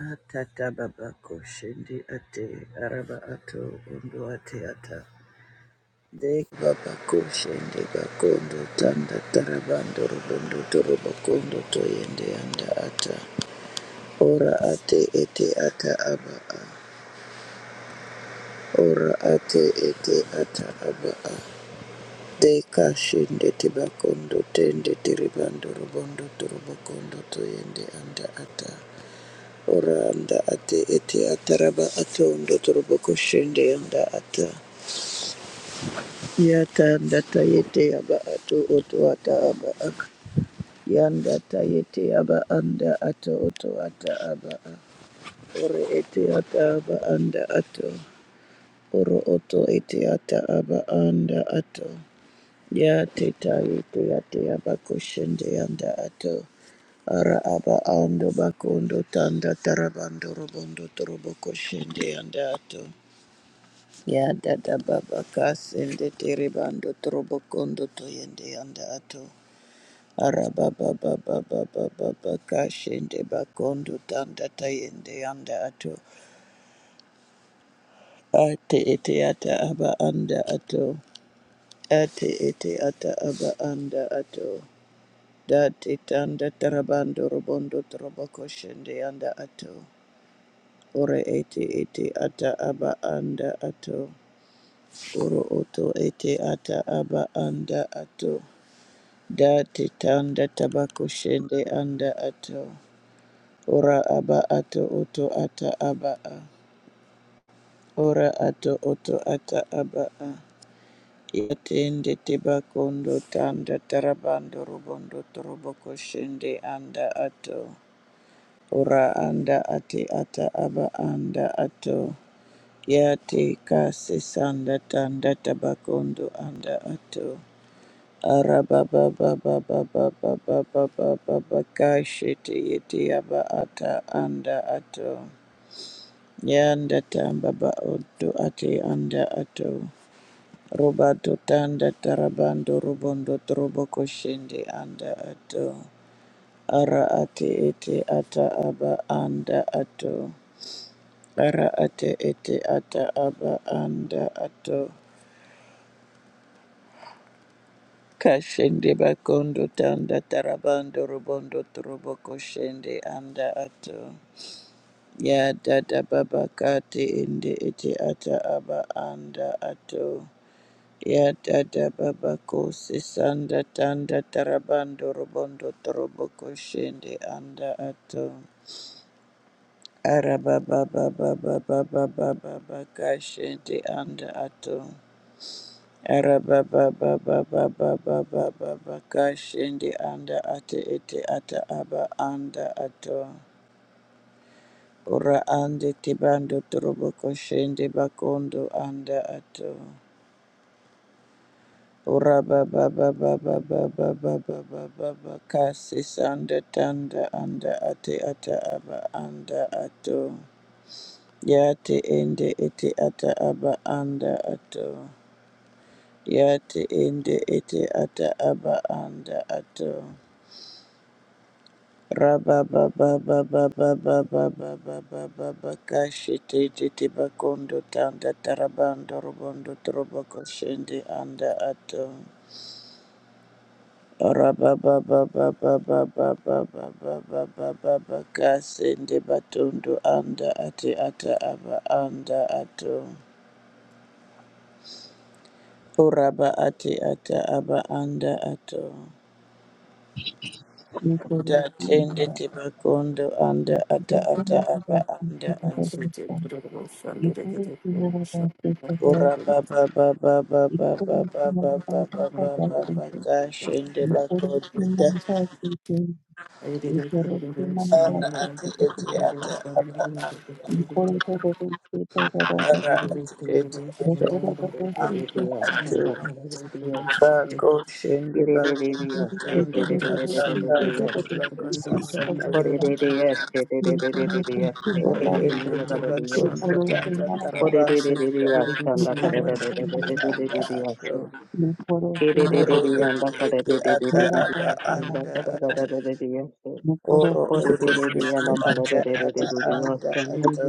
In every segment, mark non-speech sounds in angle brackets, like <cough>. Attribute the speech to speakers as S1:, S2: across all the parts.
S1: Atata baba koshindi ate araba ato ondo ate ata. Dek baba koshindi bakondo tanda tarabando robondo torobo kondo toyende anda ata. Ora ate ete ata aba a. Ora ate ete ata aba a. Deka shinde tibakondo tende tiribando robondo torobo kondo toyende anda ata. Oranda ate ete ataraba ato ndotorobo koshende yanda ata. Yata ndata yete aba ato oto ata aba ak Yanda ta yete yaba anda ato oto ata aba ak Ore ete ata aba anda ato. Oro oto ete ata aba anda ato. Ya teta yete yate abakoshende yanda ato ara aba ando bakondo tanda tarabando robondo torobo koshende yanda ato ya dada baba kasende teribando torobo kondo toyende yanda ato ara baba baba baba baba kashende bakondo tanda tayende yanda ato ate ete ata aba anda ato ate ete ata aba anda ato Dati tanda tarabando robondo troboko shende anda ato. Ore ete ete ata aba anda ato. Oro oto ete ata aba anda ato. Dati tanda tabako shende anda ato. Ora aba ato oto ata aba a. Ora ato oto ata aba a. Yatende tebakondo tanda tarabando robondo troboko shende anda ato. Ora anda ate ata aba anda ato. Ya te kasi sanda tanda tabakondo anda ato. Araba baba baba baba baba baba ba ba kashi te yete aba ata anda ato. Yanda tamba ba odo ate anda ato. Robato tanda tarabando robondo trobo koshende anda ato. Ara ate ete ata aba anda ato. Ara ate ete ata aba anda ato. Kashende bakondo tanda tarabando robondo trobo koshende anda ato. Ya dada baba kate ende ete ata aba anda ato. Ya dada baba kose sanda tanda tarabando robondo trobo koshende anda ato. Arababa baba baba baba baba baba kashende anda ato. Arababababababababa kashindi anda ate ete ata aba anda ato. Ora ande tibando trobo koshende bakondo anda ato. Ora babababababababababa kasi sanda tanda anda ate ata aba anda ato. Yate ende ete ata aba anda ato. Yate ende ete ata aba anda ato. Rababababababababababababababakasitititbakundoanda terabandorbandotrobokshendiandaato ora babababababababababababababakasendi batundoandaateataapaandaato ora bateataapaandaato
S2: Yekore simba, dosena kidasi
S3: I
S1: datenditibakundoandaataataapaandaato.
S2: kitabarista. Yekore simara dasi
S1: Ora
S2: kitabarista.
S1: ba ba ba ba ba ba
S2: Yekore
S1: ba ba ba
S2: simara
S1: ba
S2: dasi
S1: ba ba ba ba
S2: kitabarista.
S1: ka shende ba
S2: Yekore
S1: kodita
S2: simara dasi kitabarista. Yekore simara
S1: ara
S2: dasi
S1: ati eti
S2: kitabarista.
S1: ata aba
S2: Yekore dasi kitabarista. Yekore dasi kitabarista.
S1: a
S2: Yekore simara dasi
S1: ara
S2: kitabarista.
S1: ati eti
S2: Yekore
S1: ata
S2: simara dasi kitabarista. Yekore
S4: For
S1: aba
S2: simara
S4: the the
S2: dasi
S4: the
S1: anda
S2: kitabarista.
S4: the, stand
S1: atu
S4: up color the
S1: ba ko shende ba kodita ta
S4: the
S1: ta
S4: the the
S1: ta te te ba ko
S4: the.
S1: sanda ta
S4: For the
S1: yende ore ende te ba kodita ta
S4: the the
S1: tarabanda
S4: the,
S1: kondo
S4: stand up
S1: kobo
S4: color
S1: ko
S4: the the the
S1: shende anda
S4: the the.
S1: atu
S2: एक कोड़े
S4: For the the
S2: Seema
S4: the
S1: ore
S4: the, stand
S1: eti
S4: up color
S1: eti
S4: the the the the the. For the the
S1: ata
S4: the
S2: मेरा
S1: aba
S2: कोड़े
S4: the,
S2: Seema
S4: stand
S1: anda
S4: up color the the the the the.
S2: एक कोड़े
S1: Oro
S4: For the
S2: Seema
S4: the
S1: okuseke
S4: the the, stand
S3: you.
S4: up color
S1: ata
S4: the the the the the. For the the the the, stand up color the the the the
S1: aba
S4: the.
S1: anda ato.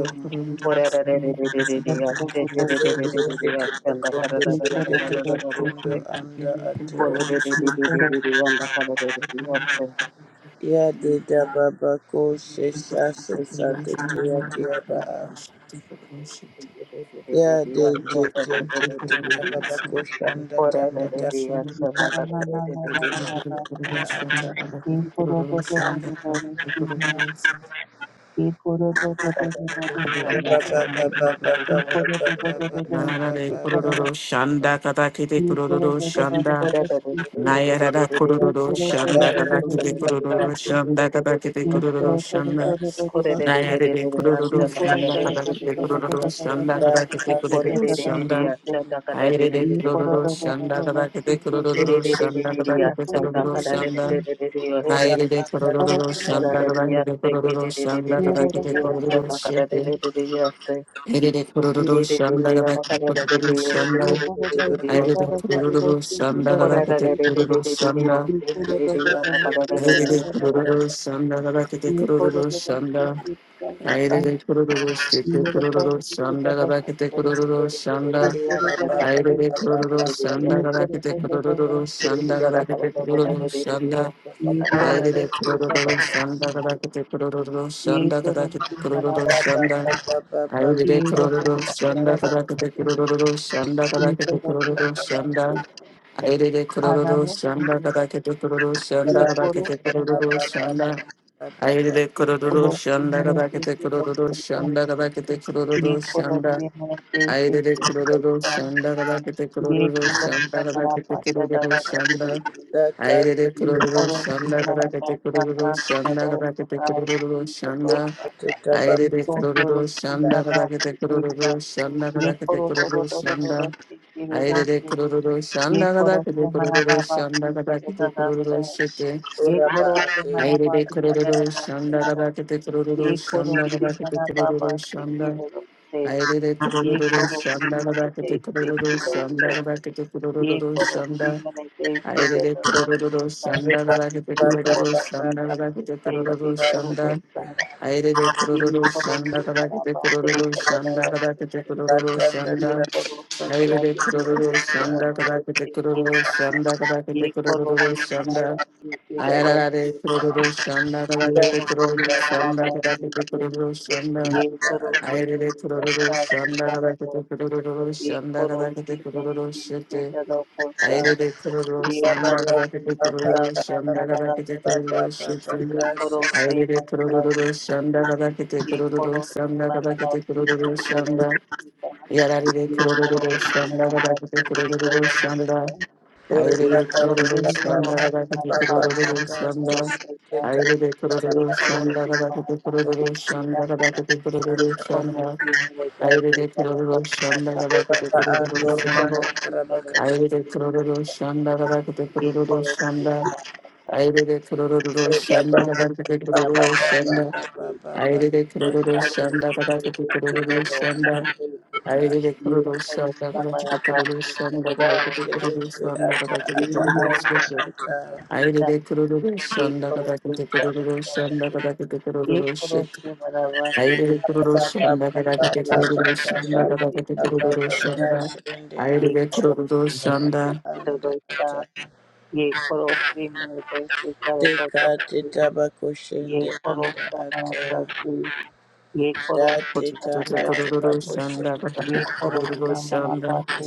S4: For the the the
S2: एक कोड़े सीमा
S1: Tende
S4: the, stand up color
S1: tebakondo
S4: the
S2: एक
S1: tende
S2: कोड़े
S4: the
S2: Seema
S4: the the the.
S1: tebakondo anda ato.
S4: Kore de de de
S2: एक
S4: de de
S2: कोड़े
S4: de de yanda kala de de de yasta.
S1: Ya deda baba ko sesa sesa tete ya tiaba a.
S4: De de de de de
S1: Ya
S4: de
S1: de te
S4: yasta de
S1: te
S4: de de
S1: te
S4: de de
S1: te
S4: de
S1: te
S4: de.
S1: baba ko shanda
S4: Kore de
S1: tanda
S4: de
S1: tanda
S4: de yasta
S2: Seema
S4: da
S2: ना
S4: kala
S2: ना
S4: de de
S2: ना
S4: de
S2: ना
S4: de
S2: ना ना ना
S4: yasta.
S1: ata.
S2: एक कोड़े दो दो दो दो दो रेसीना एक कोड़े दो दो दो
S4: Kore
S2: दो
S4: de de de
S2: दो
S4: de yanda
S1: Ora
S2: रेसीन
S4: kala de
S1: baba
S4: de
S1: baba
S4: de de de de
S1: baba
S2: एक कोड़े
S4: yasta de de de de
S2: दो
S1: baba
S2: दो दो
S1: baba
S2: दो दो
S4: de de.
S3: Narara
S1: baba
S3: de
S2: रेसीन
S1: baba baba.
S3: kororo shanda katakete
S2: एक कोड़े
S3: kororo
S2: दो दो दो दो
S3: shanda
S2: दो
S4: Kore de
S2: रेसीन
S4: de de de de de de
S3: Nayarada
S4: de de
S2: एक
S4: yasta
S3: kururu
S2: कोड़े
S4: da
S2: दो
S4: kala
S2: दो
S3: shanda
S4: de
S2: दो
S1: Bata
S2: दो
S3: kadaki
S4: de de de
S3: de
S4: de de
S3: kururu
S4: yasta
S3: shanda
S4: de de de de de
S3: kadaki
S4: de
S3: de
S4: yasta.
S3: kururu shanda
S2: दो
S4: Kore
S2: रेसीन
S4: de de
S2: एक
S4: de de
S3: Nayare
S4: de
S3: de
S4: de
S3: kururu
S2: एक
S4: yasta da
S2: करो
S4: kala
S3: shanda
S4: de
S2: करो
S3: kadaki
S4: de de de de de
S2: करो
S3: de
S2: करो
S4: de
S2: करो
S3: kururu
S2: करो करो
S4: yasta.
S2: करो
S3: shanda
S2: करो
S3: kadaki de
S2: करो
S1: bata
S4: Kore
S3: kururu
S4: de de de
S2: करो
S4: de
S3: shanda
S2: करो
S4: yasta
S2: करो
S4: da kala de
S3: Ayre
S4: de de
S3: de
S2: ये
S4: de de
S2: करो
S3: kururu
S4: yasta.
S2: करो करो
S3: shanda
S2: करो
S3: kadaki de
S2: ठीक है
S4: Yes,
S3: kururu shanda kadaki
S2: एक
S3: de
S2: करो
S3: kururu
S2: करो करो
S3: shanda
S1: ora
S3: Nayare de
S1: anda
S2: करो
S3: kururu
S2: करो
S1: tanda.
S3: shanda
S2: करो
S3: kadaki de kururu shanda
S2: ये
S3: kadaki
S2: करो
S3: de
S2: करो करो
S3: kururu shete
S2: करो
S3: Ayre de kururu shanda kadaki de kururu
S1: Thank
S2: ये
S3: shanda
S2: करो करो ठीक
S3: Ayre de
S2: करो करो करो
S3: kururu
S2: ठीक
S3: shanda
S2: करो
S3: kadaki de
S2: ठीक है
S3: kururu shanda
S2: एक करो करो करो ठीक करो
S3: Aire
S2: करो करो
S3: kororo shanda gabakete
S2: ये करो
S3: kororo
S2: करो ठीक
S3: shanda.
S2: ठीक करो
S3: Aire
S2: करो
S3: kororo shite
S2: ये करो
S3: kororo
S2: ठीक करो
S3: shanda
S2: करो
S3: gabakete
S2: करो
S3: kororo
S2: ये
S3: shanda.
S2: करो करो
S3: Aire
S2: ठीक
S3: kororo shanda
S2: ये
S3: gabakete
S2: करो करो करो करो
S3: kororo
S2: ठीक
S3: shanda
S2: ठीक
S3: gabakete
S2: करो
S3: kororo shanda.
S2: ये
S3: Aire
S2: कोलोसेस से ज्यादा
S3: kororo
S2: पैसे
S3: shanda
S2: से
S3: gabakete kororo
S2: ये
S3: shanda
S2: तो रोज से
S3: gabakete
S2: मना
S3: kororo
S2: पाता है
S3: shanda. Ayurveda
S2: ये रोटे
S3: kururu
S2: रोज से
S3: shanda
S2: ज्यादा
S3: karakete
S2: पैसे
S3: kururu
S2: से
S3: shanda
S2: ये तो
S3: karakete
S2: रोज का
S3: kururu
S2: ज्यादा
S3: shanda.
S2: पैसे
S3: Ayurveda kururu
S2: आनाने जाते
S3: shanda karakete kururu
S2: ये
S3: shanda
S2: कोरोस
S3: karakete
S2: से मना
S3: kururu
S2: जाता
S3: shanda. Ayurveda
S2: है ये
S3: kururu
S2: कोरोस से
S3: shanda
S2: मेरे से
S3: karakete
S2: से रोज
S3: kururu
S2: करता है
S3: shanda karakete
S2: ये
S3: kururu
S2: कोरोस
S3: shanda.
S2: से मेरे से से
S3: Ayurveda
S2: के
S3: kururu
S2: करता है
S3: shanda karakete
S2: ये
S3: kururu
S2: कोरोस
S3: shanda
S2: का मना
S3: karakete
S2: पाता है
S3: kururu
S2: दादा बात से
S3: shanda.
S2: से
S3: Ayurveda
S2: ये
S3: kururu
S2: कोरोस से
S3: shanda
S2: मना
S3: karakete
S2: पाता है
S3: kururu shanda
S2: दादा
S3: karakete
S2: पता
S3: kururu
S2: पता
S3: shanda.
S2: तो
S3: Aire
S2: ये करो तो
S3: kororo shanda
S2: तो
S3: kadakete kororo shanda kadakete kororo
S2: तो तो तो तो
S3: shanda
S2: सीखे दादा
S3: aire
S2: से
S3: kororo
S2: ये
S3: shanda
S2: करो से
S3: kadakete
S2: मना
S3: kororo
S2: पापा
S3: shanda
S2: सीखे
S3: kadakete
S2: दादा
S3: kororo
S2: से
S3: shete
S2: ये करो से मना पापा
S3: aire
S2: सीखे
S3: kororo
S2: दादा से करो दोस्ते
S3: shanda
S2: का
S3: kadakete
S2: ये
S3: kororo
S2: करो
S3: shanda
S2: से
S3: kadakete
S2: मना पापा
S3: kororo
S2: सीखे
S3: shanda
S2: दादा से
S3: aire kororo
S2: करो
S3: shanda
S2: दोस्ते
S3: kadakete kororo shanda kadakete
S2: ये
S3: kororo
S2: करो से
S3: shanda
S2: मने से सीखे
S3: aire
S2: दादा से करो
S3: kororo
S2: तो
S3: shanda kadakete
S2: ये
S3: kororo
S2: करो से
S3: shanda
S2: मने से
S3: kadakete
S2: सीखे दादा से करो दोस्ते का ये करो से मने से सीखे दादा से
S3: kororo
S2: करो
S3: shanda
S2: दोस्ता
S3: Aire de
S2: ये
S3: Kororo
S2: करो
S3: Shanda
S2: से मना
S3: Kabakete
S2: पापा सीखे
S3: Kororo Shanda
S2: दादा से करो
S3: Kabakete
S2: दोस्ते
S3: Kororo
S2: ये
S3: Shanda
S2: पड़ोसी
S3: Aire
S2: मना
S3: de
S2: देते
S3: Kororo
S2: थे
S3: Shanda
S2: पड़ोसों को
S3: Kabakete
S2: देखते
S3: Kororo
S2: था
S3: Shanda
S2: ये
S3: Kabakete Kororo
S2: पड़ोसी मना
S3: Shanda
S2: बात के
S3: Ayara de
S2: डरोसी था
S3: Kororo Shanda
S2: ये
S3: Kabakete Kororo
S2: रखोसी मना
S3: Shanda
S2: बात
S3: Kabakete
S2: के
S3: Kororo Shanda
S2: ये
S1: you.
S2: सरोसी
S3: Aire de
S2: मेरे
S3: Kororo
S2: पैसा
S3: Shanda
S2: स्वीकार दो
S3: Kabakete Kororo
S2: ये
S3: Shanda Kabakete
S2: पड़ोसी मेरे
S3: Kororo
S2: पीछे
S3: Shete
S2: डरो खोसा
S3: Aire de Kororo
S2: ये
S1: Baba,
S3: Shanda
S1: Baba,
S2: पड़ोसी
S3: Kabakete
S2: मना
S3: Kororo
S2: दासा का
S3: Shanda
S1: Baba,
S3: Kabakete
S2: डरासी
S3: Kororo Shete
S2: ये पड़ोसी
S3: Ayerere
S2: मना बात
S3: kurururu
S2: के
S3: shanda kabakete
S2: ये
S3: kurururu
S2: पड़ोसी
S3: shanda
S2: मना
S3: kabakete
S2: दासी की
S3: kurururu shanda.
S2: डरोसी
S3: Yararere
S2: एक करोड़
S3: kurururu
S2: से
S3: shanda
S2: मेरा पास
S3: kabakete
S2: एक
S3: kurururu
S2: जगह है
S3: shanda.
S2: एक
S3: Ayerere
S2: करोड़ से
S3: kurururu
S2: ही
S1: Baba,
S3: shanda
S2: करोड़ से मेरे
S3: kabakete
S2: पास एक
S3: kurururu
S2: करोड़
S3: shanda.
S2: से है
S3: Ayerere
S2: एक
S3: kurururu
S2: करोड़
S3: shanda
S2: से मेरा
S3: kabakete
S2: पास एक
S3: kurururu
S2: है
S3: shanda kabakete kurururu
S2: एक करोड़
S3: shanda.
S2: से मेरे पास एक
S3: Ayerere
S2: बड़ा
S3: kurururu shanda
S2: खाता
S3: kabakete kurururu
S2: है एक करोड़
S3: shanda.
S2: से मेरे एक
S3: Ayerere
S2: लिए
S3: kurururu
S2: होता
S3: shanda kabakete
S2: है एक
S3: kurururu
S2: करोड़ से
S3: shanda.
S2: मेरा पास
S3: Ayerere kurururu
S2: है एक
S3: shanda
S2: करोड़
S3: kabakete
S2: से मेरा
S3: kurururu
S2: बाबा है
S3: shanda.
S2: एक
S1: Baba,
S3: Aire kororo
S2: करोड़ से
S3: shanda
S2: मेरे
S3: karakati
S2: एक की
S3: kororo
S2: जगह है
S3: shanda. Aire
S2: एक
S3: kororo
S2: करोड़
S3: shanda
S2: का मेरा
S3: karakati
S2: पास
S3: kororo
S2: एक
S3: shanda karakati
S2: crore
S3: kororo shanda
S2: एक
S3: karakati kororo shete. Aire kororo shanda
S2: crore से
S3: karakati kororo shanda
S2: बराबर
S3: karakati
S2: एक
S3: kororo
S2: करोड़
S3: shete.
S2: से एक करोड़
S3: Aire kororo shanda
S2: से एक
S3: karakati
S2: crore
S3: kororo shanda karakati
S2: के
S3: kororo shanda.
S2: बराबर
S1: Baba, Baba,
S2: एक
S3: Aire
S2: crore
S3: kororo shanda
S1: anda
S2: का
S1: ata
S2: एक करोड़ से मेरे से करो तो
S1: deka
S2: तो तो
S1: teta bakoshende
S2: एक करोड़
S1: anda
S2: का मना
S1: ata
S2: करते एक
S1: da
S2: करोड़ से
S1: teta
S2: कथा
S3: karakati
S1: anda teba
S2: कराते
S3: kororo shanda
S1: koshende
S3: karakati
S2: एक करोड़
S3: kororo
S2: का मना
S3: shanda.
S2: पाते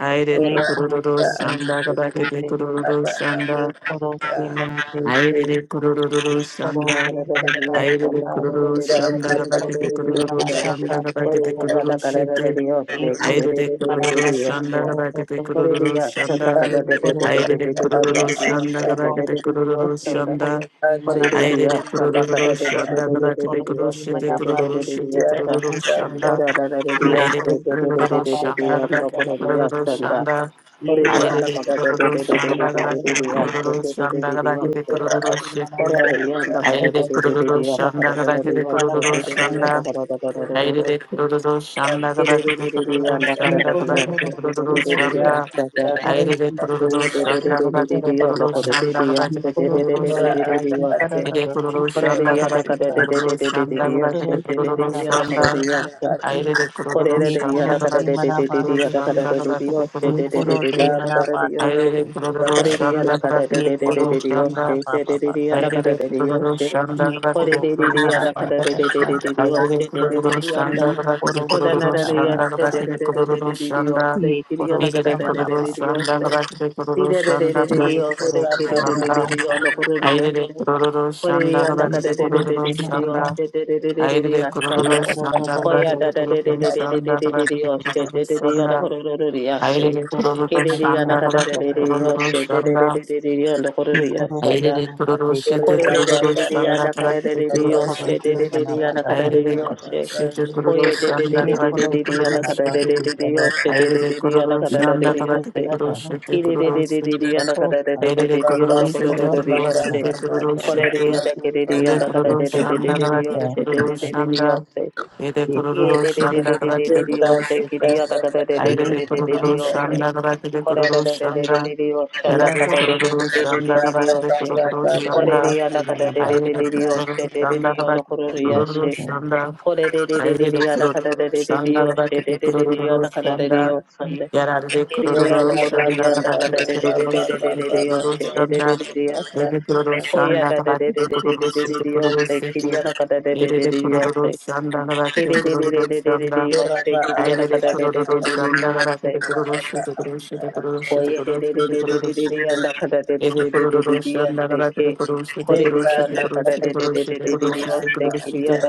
S3: Aire
S2: एक
S1: ora
S2: करोड़
S3: kororo
S1: ata
S2: से
S1: ate
S3: shanda
S2: मेरे
S1: tete
S3: karakati
S2: से
S3: kororo
S1: aba ata
S3: shanda.
S2: एक करोड़ से मेरे से
S3: Ayrede kurururu
S2: एक पड़ोस
S3: şanda.
S2: से मनाता
S3: Ayrede
S2: था
S3: kururu
S1: da
S3: şanda
S2: एक
S1: baba
S2: पड़ोस
S3: gabakete
S2: से
S1: koshende
S3: kururu
S2: मनाता
S3: shanda,
S2: था
S1: bakoshende
S2: से
S3: gabakete
S4: Oririya
S2: पड़ोस
S4: da
S3: kururu
S2: से
S3: şete.
S4: karararariyo
S2: एक
S1: ando
S4: se
S1: ro
S2: पड़ोस
S3: Ayrede
S2: से मनाता
S3: kururu
S4: kererererereriyo
S2: से
S4: se
S3: şanda
S2: पड़ोस
S3: gabakete
S2: से
S3: kururu
S4: oririya sanda
S3: shanda,
S2: एक
S1: ate ete
S2: पड़ोस
S1: ata teta
S2: से
S3: Ayrede
S2: मिलते
S1: aba
S3: kururu
S1: ata
S2: जुलते
S4: kadadedededededededededediyo
S1: ate
S3: şanda
S1: ete
S4: da
S2: सकता
S3: gabakete
S4: da
S3: kururu
S2: एक
S4: sanda
S3: şanda.
S2: पड़ोस
S1: ata
S2: से
S1: da
S2: मनाता
S4: oririya
S3: Ayrede
S2: से से
S4: sanda
S3: kururu şanda
S2: एक
S3: gabakete
S2: पड़ोस
S3: kururu
S4: kadadededededededediyo
S2: से
S4: se
S3: şete
S2: मनाता
S3: kururu
S2: से
S3: şete
S2: से
S4: dededededediyo se
S3: kururu
S2: पड़ोस
S1: teta
S2: से
S1: anda
S3: şanda.
S2: एक
S4: orararariyo se
S3: Ayrede
S2: पड़ोस से
S3: kururu
S2: मनाता
S3: şanda
S2: था
S4: dededededededediyo
S2: से
S4: no
S3: gabakete
S2: पड़ोस
S4: oririya
S3: kururu
S2: से
S4: sanda
S3: şanda.
S2: एक
S4: oririya
S2: पड़ोस
S4: da
S3: Ayrede
S2: से
S3: kururu
S2: मिलते जुलते
S4: kadadedededededededediyo
S3: şanda
S4: se
S3: gabakete
S2: सकता
S4: dedededediyo
S3: kururu şanda
S2: एक
S3: gabakete
S4: se
S1: ora
S2: पड़ोस
S3: kururu
S2: से
S1: ate
S3: shete.
S1: ete
S2: मनाता
S4: oririya da
S1: ata teta aba
S2: से
S3: Aire
S1: ata
S3: de
S2: पड़ोस से
S3: kururu
S4: kadadededededediyo na
S3: shanda kabake
S2: एक
S3: de
S4: karararariyo se
S3: kururu
S2: पड़ोस
S1: anda
S2: से
S4: dededediyo da
S3: shanda.
S4: da dios te de de de da kada da da
S1: tundu
S4: da
S3: Aire de
S4: da
S3: kururu
S1: tundu
S3: shanda kabake de kururu
S1: anda
S2: मैं
S1: ata
S3: shanda
S2: को रहता
S3: kabake de
S2: था मैं
S3: kururu
S2: को तो
S3: shanda.
S2: किसी
S1: da
S2: तरह
S3: Aire de
S2: की
S1: teta
S3: kururu
S1: anda
S2: मेरा तो
S1: teba
S3: shanda
S2: किस
S3: kabake de
S2: तरह
S3: kururu
S2: करता
S3: shanda kabake
S2: ये
S3: de
S2: करो
S3: kururu
S2: से
S1: Ora
S2: मना
S3: shete.
S1: anda
S2: ताकि करा
S1: ate
S2: तो
S3: Ire
S2: रस्ते
S3: kururu
S2: से
S3: shanda
S2: रहो
S3: kabake de
S2: सकता
S3: kururu shanda
S2: ये
S3: kabake de
S2: करो से
S3: kururu
S2: मना पाते
S3: shanda.
S2: तो
S1: anda
S2: किसी
S1: ate
S2: के
S1: ete
S3: Aire de kururu
S2: ये
S3: shanda
S2: करो से
S3: kabake
S2: मना
S3: de kururu
S2: पाते से
S3: shanda kabake de
S2: ये
S3: kururu
S2: करो से
S3: shete.
S1: baba
S2: मना
S1: baba
S2: पाते
S3: Aire
S2: रहो
S3: de
S2: सकते
S1: baba
S3: kururu
S1: baba
S2: तरह
S3: shanda kabake de
S2: ये करो
S3: kururu
S2: से
S3: shanda
S2: मना पापा
S3: kuru kuru kuru
S2: पाते
S3: kuru kuru kuru kuru kuru Shanda.
S2: ये करो से मना पाते था ये करो से मना पाता ये करो से मना पा ये करो से
S1: baba
S2: मना
S1: baba baba
S3: I did it to the Shanda Rapid kuru shanda Rapid
S2: एक
S3: Kuru
S2: करो सेनापा
S3: shanda. I did it to
S2: ये करो तो तो तो तो तो
S3: the
S2: से
S1: baba
S3: shanda Rapid Kuru shanda. Rapid Kuru shanda I
S2: ये
S3: did it to the shanda. Rapid Kuru shanda I did it to the
S2: करो सेनापा
S3: shanda.
S2: की
S3: Rapid Kuru shanda Rapid Kuru shanda. I
S2: तो
S3: did it to the shanda Rapid
S2: तो
S3: Kuru Shanda,
S2: ये करो
S3: Aire de
S2: सेनापा ते की
S1: ore
S3: Kururushite
S2: तो
S1: baba
S2: तो
S1: baba
S2: तो
S3: Kururushanda
S1: baba
S3: Prakate
S2: ये
S1: baba baba
S2: करो
S3: Kururushite
S2: सेनापा ता पा
S3: Aire
S2: ता
S3: de
S2: पा
S3: Kururushite
S1: ete
S4: Oye de de de
S3: Kururushanda
S2: ये
S4: de de de
S2: करो
S3: Prakate
S4: de de ana kada
S2: सेनापा
S4: de de
S3: Kururushite
S2: की
S4: de
S2: तो
S4: de
S2: तो
S4: yoshe de
S3: Aire
S4: de
S3: de
S4: de de ana kada
S2: ये
S4: da de
S3: Kururushanda
S4: de
S2: करो
S4: yoshe
S3: Prakate Kururushite
S4: kire de
S2: सेनापा
S4: de de de de
S3: Kururushite
S2: तो
S4: ana
S2: तो
S4: kada da de
S3: Aire
S4: de
S3: de
S4: de de
S1: baba
S4: onda
S2: ये
S4: koro de
S3: Kururushite
S2: करो
S4: de de yoshe
S3: Kururushite
S2: सेनापा की
S1: baba
S4: kore de
S3: Kururushite
S4: ana
S2: तो
S4: kere de
S1: baba
S3: Ede
S4: ana
S2: तो ये
S4: kada de de
S2: करो
S4: de de
S3: Kururushanda
S4: de de
S2: सेनापा
S3: Prakate
S4: yoshe de
S2: की तो
S4: de de
S2: तो
S4: de de
S3: Kururushanda
S4: yoshe
S3: Ede
S2: ये
S4: ye
S2: करो
S4: de de de
S3: Kururushanda
S4: de de
S2: सेनापा
S4: de de
S3: Prakate
S2: की
S4: de
S1: Kita
S2: तो
S4: yoshe kire
S3: Kururushite
S4: ana
S1: ditanda
S4: kada de
S1: dalam
S4: de
S3: Aire
S4: de
S2: ये
S3: de
S4: de de
S1: foto
S4: de de
S1: anda.
S4: yoshe
S3: Kururushanda Prakate
S4: kore de de de de de
S3: Kururushanda
S4: de de yoshe ana
S3: Verare
S4: kada
S2: करो
S4: de
S2: सेनापा
S4: de
S2: की
S3: kururu
S4: de de de
S2: तो
S4: de
S3: shanda
S1: anda
S4: de
S2: तो
S4: de
S3: kada
S1: anda
S3: kure
S1: Baba
S4: yoshe
S1: baba
S3: kururu
S2: एक
S4: kore
S3: shanda.
S4: de
S2: औरत
S1: baba
S2: भी
S4: ana kada
S2: बना
S4: de
S1: baba
S4: de
S3: Aire
S4: de
S2: पाता
S3: de
S4: de de
S2: है
S3: kururu
S4: yoshe
S1: baba
S4: de de de
S3: shanda
S4: onda
S3: kada
S4: koro
S2: एक
S3: kururu
S4: yoshe
S2: औरत
S4: これでででででやだからででででよしででででやだからででよそんでででやのこれでやんだからででででででででよしでででででやしこやだでででででででででよせきりやだからででででよせきりでででででででよしきりやだからででででででよせこやででででででででやんだからでででででででやせけこれでやんだからでででででででよせきりやだででででよせ
S3: shanda. Aire de kururu shanda kada kure kururu shanda.
S2: एक औरत
S3: Yarare de kururu shanda Yet I kada kure
S1: Ora
S3: kururu
S1: ba ba
S3: shanda kururu
S1: ba
S3: shanda. Aire kururu shanda I kada kure kururu shanda kururu shanda. Aire de kururu shanda kada kure kururu shanda. Aire de kururu shanda I kure kururu shanda kururu shanda kururu shanda kururu shanda kururu shanda. Ele kororoshi andagara tere koroshi tere koroshi tere koroshi tere koroshi tere koroshi tere koroshi tere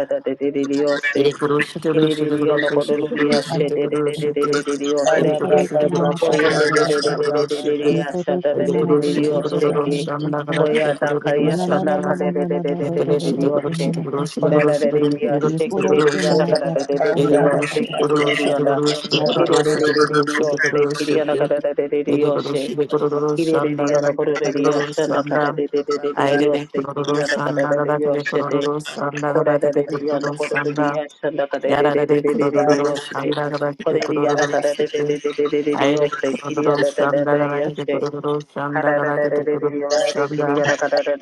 S3: ele koroshi tere koroshi tere
S4: Kiririyo no kororiya she
S3: koroshi
S2: बना
S3: tere
S4: de de de de
S3: koroshi tere koroshi
S4: de
S3: tere
S4: de de de
S3: ele
S2: एक
S4: seke.
S2: औरत
S3: koroshi
S2: भी
S3: tere
S2: बना
S3: koroshi tere
S2: पाते
S4: Oye
S2: हैं
S4: de
S2: तो
S4: de de
S3: koroshi
S4: de
S3: tere
S2: तो
S4: de de de de
S3: koroshi
S4: de
S3: tere
S4: ya
S2: एक
S4: sha
S2: औरत
S4: da
S2: भी
S4: da
S3: ele
S4: de
S2: बना
S4: de
S2: पाते
S4: de de
S3: koroshi tere
S4: yo
S2: हैं तो तो
S4: seke.
S3: kororoshi
S2: तो तो तो
S3: andagara tere
S4: Oya da ka
S2: ये
S4: ya
S2: ना
S3: kororoshi
S4: sa
S2: ना ना
S4: da
S2: ना
S3: andagara
S4: ka
S2: ना
S4: de de
S2: ना
S4: de
S2: ना
S4: de
S2: ना
S4: de
S3: ele
S2: दो
S4: de
S2: दो
S4: de
S2: दो
S4: de
S3: koroshi
S4: de
S2: दो
S3: tere
S4: yo
S2: दो
S3: koroshi
S4: she.
S2: बना
S3: tere koroshi
S2: पाता
S3: tere
S4: Ora da
S3: koroshi
S4: de de de
S3: tere
S4: ya
S2: है एक
S3: koroshi tere
S4: seke
S2: औरत
S4: de de
S2: भी
S4: ya
S3: koroshi
S4: da
S2: बना
S3: tere
S4: ka da de
S2: पाते हैं
S4: de
S3: Sanda,
S4: de de
S2: करा
S4: de yo
S2: करा करा
S4: seke de
S2: से
S4: de de ya da.
S2: या दा दा
S4: Kire de
S2: दा
S4: de de
S2: से
S4: de de yo seke de ya da ka da de de de de yo she. Kire de de ya no kororiya sha da ka da de de de de de de yo seke de ya da ka da de de yo she de. これでリアンのこれでリアンシャンダカデデデデデデデデヨセ。これリアナカデデデデデデデデデヨセ。キリアダダダダヨセ。カダダダダデデヨセ。キリアナカダダデデヨセ。キリデデデヨのこれでリアセ。おいえでででででででリアナカダダダダダリアセ。キリデデデヨのこれでリアナカダデデデデデヨセ。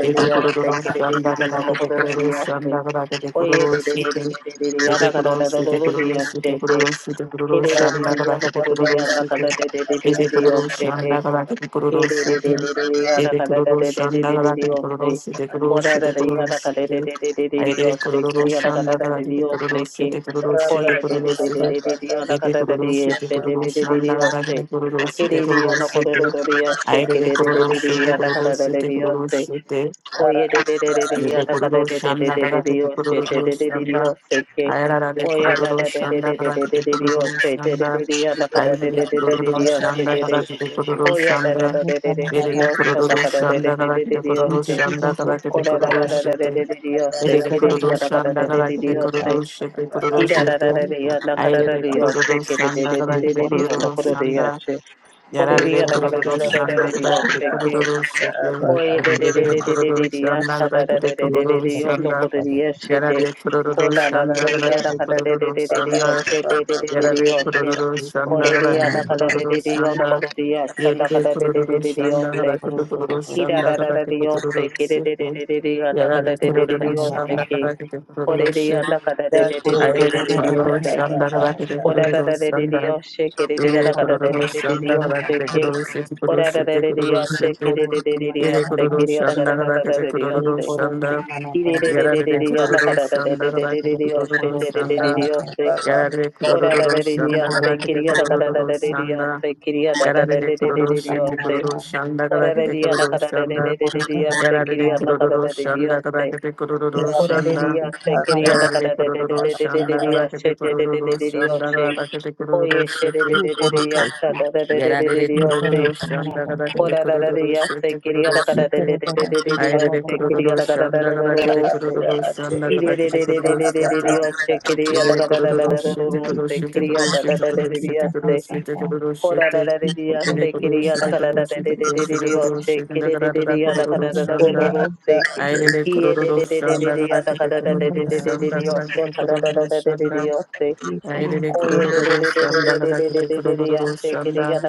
S3: Ede kororo shanda kada kete kororo shanda kada kete kororo shite. Ede kororo shite kororo shite kororo shite kororo shanda kada kete kororo shite. Ede kororo shanda kada kete kororo
S4: he de de de
S3: shite.
S4: de de de yada
S3: Ede
S4: kada da
S3: kororo
S4: de de de
S3: shanda
S4: de de
S3: kada
S4: de
S3: kete kororo
S4: osse.
S3: shite kororo
S4: Oda da
S3: shite
S4: de
S3: kororo
S4: yada kada de
S3: shite.
S4: de de de de de
S3: Ede
S4: osse.
S3: kororo
S4: Kiri yada kada
S3: shanda
S4: da
S3: kada
S4: de de
S3: kete kororo
S4: osse ke.
S3: shite kororo shite
S4: Koye de
S3: kororo
S4: de de de
S1: ba
S3: shite.
S4: de
S1: ba
S4: de de
S1: ba
S4: yada
S3: Ede
S4: kada da de
S3: kororo shite
S4: yeste
S1: Para
S4: de
S3: kororo
S4: de de de
S3: shanda
S4: de
S3: kada kete
S4: osse.
S3: kororo shite
S4: Kiri de
S3: kororo
S4: yada kada da
S3: shite.
S4: de yeste
S3: Aire
S4: ke
S3: de
S4: de de de
S3: kororo
S4: de de
S3: shite
S4: yada
S3: kororo
S4: kada da
S3: shite
S4: de
S3: kororo
S4: osse.
S3: shite.
S1: anda
S4: Koye de de de de de
S3: Ede
S4: yada kada
S3: kururu
S4: de de de
S3: shanda
S4: de de
S3: dada
S4: de
S3: kutu
S4: yoshe de
S3: kururu
S4: de de de de
S3: shanda.
S4: yoshe ke.
S3: Ayarara de
S4: Koya da
S3: kururu
S4: da de de
S3: shanda
S4: de de
S3: dada
S4: de de
S3: kutu
S4: de de
S3: kururu
S4: yoshe de de de
S3: shanda.
S4: de yada kada
S3: Ayere
S4: de
S3: de
S4: de de
S1: anda
S4: de de de
S3: kururu
S4: yoshe
S3: shanda
S4: de
S3: dada
S4: de.
S3: kutu kururu
S4: Koya da da
S3: shanda.
S4: da
S2: जो
S4: de de de
S2: समा
S4: de
S2: दा
S4: de
S3: Ede
S2: दा
S3: de
S4: yoshe
S2: से
S4: da
S2: से
S3: kururu
S4: kada
S2: का
S4: de de
S3: shanda
S4: de
S3: dada
S4: de de
S3: kutu
S4: de
S2: से
S3: kururu
S2: से
S4: yoshe.
S2: से
S3: shanda
S2: तो तो
S3: dada kutu
S2: से
S4: Koda
S2: का
S4: da da
S3: kururu
S2: था
S4: da da de de
S3: shete.
S4: de de yoshe
S3: Ede
S2: एक
S3: de
S4: ke de
S2: औरत
S4: de
S3: kururu
S2: तो
S4: yada
S2: से
S4: kada
S3: shanda
S2: का
S4: de de
S2: तो
S3: dada
S4: de de
S3: kutu
S2: से का
S4: yoshe.
S3: kururu shete kururu
S4: Ki da
S2: एक
S4: da
S3: shete.
S4: da da
S2: औरत
S4: de
S2: तो
S4: yada
S2: से
S4: kada
S3: Ayere
S2: का
S4: da
S3: de
S4: de
S2: था
S3: kururu
S4: yoshe ke de de
S3: shanda
S4: de de
S3: dada
S2: एक
S4: de
S3: kutu
S4: de de
S2: औरत तो
S4: yonda
S3: kururu
S2: से
S4: koda de
S2: का
S3: shanda.
S4: yoshe. Koda
S2: एक
S4: de
S3: Yarare
S4: yada
S2: औरत
S4: kada da
S2: भी
S3: kororo
S4: da da
S2: मरा
S4: da
S3: shanda
S4: de de
S3: kabake
S2: है
S3: de
S4: yoshe ke.
S3: kororo shete.
S4: Ko
S2: एक
S4: e de
S2: औरत
S4: de de
S2: का
S3: Yerere
S4: de
S2: मरा
S4: de de
S3: kororo
S4: de de ya
S3: shanda
S4: shada de
S3: kabake de
S4: de
S2: ये
S4: de de
S3: kororo
S4: de
S2: है
S4: yondo
S2: एक
S3: shanda.
S4: kodo de ono koto de
S2: औरत
S4: ya shi de
S3: Yarare
S4: ko
S3: kororo
S4: la de
S3: shanda
S4: de de ya
S3: kabake de
S4: nakada de
S3: kororo
S4: de
S3: shanda.
S4: yoshe de de ya shi de de de
S3: Yarare
S4: yoshe
S3: kororo
S2: एक
S3: shanda
S2: औरत
S4: kore de
S2: का
S3: kabake
S4: ya shi ko e ya
S3: de
S2: मरा
S4: nakada
S2: था
S3: kororo
S4: de yondo
S3: shanda.
S4: kodo de yasha da
S3: Yerere
S4: kada de de de
S3: kororo
S4: de de ya
S3: shanda
S2: एक
S4: shi
S3: kabake de
S2: औरत दो दो
S3: kororo
S2: दो दो
S4: ko e ya
S3: shanda
S2: दो
S4: nakada
S3: kabake
S4: de
S2: दो।
S3: de
S4: yoshe
S3: kororo
S4: ki de de de
S3: shete.
S4: de de
S2: एक
S3: Yarare
S2: औरत
S4: de
S2: का
S3: kororo
S4: ya
S2: मरा
S4: shi
S2: था
S3: shanda
S2: था।
S3: kabake de
S4: ko la
S3: kororo
S4: de de de ya shi ko e
S3: shete.
S4: ya nakada de de
S2: एक औरत
S4: de
S2: दो
S4: de de
S2: दो
S4: de
S3: Ayerere
S4: de
S2: दो
S4: ya
S2: दो
S3: sororo
S2: दो दो
S4: shi
S2: एक
S3: shandara
S2: औरत दो
S3: vakete
S2: दो
S4: ko
S2: दो
S4: la
S3: kororo
S4: de
S2: दो।
S4: de de
S3: shandara.
S4: ya shi ko e
S2: एक
S4: ya
S3: Yere
S2: औरत
S4: nakada de de yana kada de
S2: दो
S3: kororo
S2: दो
S4: de de
S2: से
S4: de de
S3: shandara
S2: मना
S3: vakete
S4: ya
S2: पाता
S4: shi
S3: kororo sete kororo
S4: Ora da da
S3: sete
S4: da da
S3: kororo
S4: ya she
S2: एक
S4: ki
S3: sete.
S4: da
S2: औरत
S4: da da
S2: से मना
S3: Yere
S2: पाता
S3: kororo shandara
S4: da
S3: vakete
S4: da ya
S3: kororo
S2: एक
S4: she
S2: औरत से
S3: shandara.
S2: मना
S4: ki da
S2: पाता था
S3: Yarare
S2: था
S4: da
S2: था
S4: da da da da da da ya she ki da da da da da da ya na ka
S3: kororo
S2: था।
S4: da da da da
S3: shandara
S4: da da da
S3: vakete
S4: da ya
S2: एक
S4: she
S3: kororo
S2: औरत
S4: da da da da
S2: से
S3: shandara.
S4: da
S2: मना
S4: ya she
S2: पाता
S3: Yarare
S4: ora da
S3: kororo
S4: da da da ya
S2: एक
S3: shandara
S2: औरत
S4: she
S3: vakete
S2: से
S4: ki da da da
S2: मना
S4: da da da
S3: kororo
S4: da
S2: पाता
S4: da ya
S3: shandara.
S4: she ki da da da da
S3: Yarare
S2: एक
S4: da da da
S2: औरत
S3: kororo
S4: da da
S2: का
S4: ya
S3: sete
S2: मरा
S4: she
S3: kororo
S2: था
S3: shandara
S4: ora da
S3: vakete
S4: da ya na
S3: kororo
S4: ka da da da da
S3: shandara.
S2: एक
S4: da da da
S2: औरत
S4: ya
S2: और
S4: she ki
S3: Yarare
S4: da
S2: Sultan
S4: na da da
S3: kororo
S4: da da da ya
S3: shandara
S4: she
S3: vakete
S2: ये
S3: kororo
S2: करो
S4: ora da
S2: तो
S4: da
S3: shandara.
S4: ya
S2: ठीक है
S4: she ki da da
S2: भाई
S4: ka
S3: Yarare
S4: da da da da
S3: kororo
S4: da da da da
S3: shanda
S4: da ya
S3: de
S4: she da da da da da
S3: kororo
S4: da ya she
S3: shanda de kororo
S4: oye she da da
S3: shete.
S2: ये
S4: da da da
S2: करो
S4: ya
S2: तो
S4: she da
S2: ठीक
S4: da da da da da
S3: Yarare
S4: da
S2: ये
S4: ya she
S2: करो
S3: Kururu
S2: कि मना
S3: Shandaka de
S2: पाते
S3: shanda
S4: Ko
S3: rakete
S4: da da da da
S3: kororo
S4: da se
S3: shete
S4: kiri ya
S3: kororo
S4: da da
S2: ये
S4: da da da da
S3: shete.
S2: करो
S4: da
S2: तो
S4: da da
S2: रास्ते
S3: Aire
S2: कटा
S4: se
S2: कटा
S4: kiri ya
S3: kororo
S4: da
S2: रास्ते
S4: da da da
S3: shanda
S4: da
S3: de kororo
S1: ate
S3: shanda rakete kororo
S4: da da da
S3: shete.
S4: se kiri ya da
S3: Yere
S4: da da da
S2: मना
S4: da da
S3: kororo
S4: da da
S2: पाते
S4: da
S2: ठीक
S3: shete
S2: ठीक
S3: kororo
S4: se
S2: ठीक
S3: shete
S2: तो
S4: kiri ya
S3: kororo
S2: उसका
S4: da da da
S2: पाते
S4: da da
S2: ठीक
S3: shete
S2: का
S3: kororo
S4: se
S2: पाता
S3: shete
S2: था
S3: kororo
S4: ko da da
S3: shete kororo shete.
S4: da da
S2: ये करो
S4: da
S2: तो
S3: Yere
S4: se
S2: ठीक
S3: kororo
S4: kiri
S2: का
S4: ya da
S3: shete
S4: da da
S2: पाते
S3: kororo
S4: da da da
S2: ठीक
S3: shete
S2: का
S3: kororo
S4: da da da
S3: shete
S2: पाता
S4: se
S3: kororo shete. Yarare
S4: kiri ya
S2: ये
S4: da da
S3: kororo
S4: da da
S2: करो
S4: da da da
S2: कि
S4: da
S3: shanda.
S4: da
S2: मना
S4: se
S2: पाते
S3: I did
S2: ठीक
S3: a
S4: kiri ya da
S3: Kururu
S4: da da da
S3: Shanda,
S4: da
S3: Rakete
S4: da
S2: ये
S4: da
S2: करो
S4: da da se
S3: Kururu
S2: तो
S3: Shanda,
S4: kiri
S2: ठीक
S3: Rakete
S4: ya da da
S3: Kururu
S4: da da da da
S3: Shanda.
S4: da
S2: ये
S3: I
S2: करो
S3: did a
S2: कि मना
S3: Kururu Shanda, Rakete Kururu Shanda.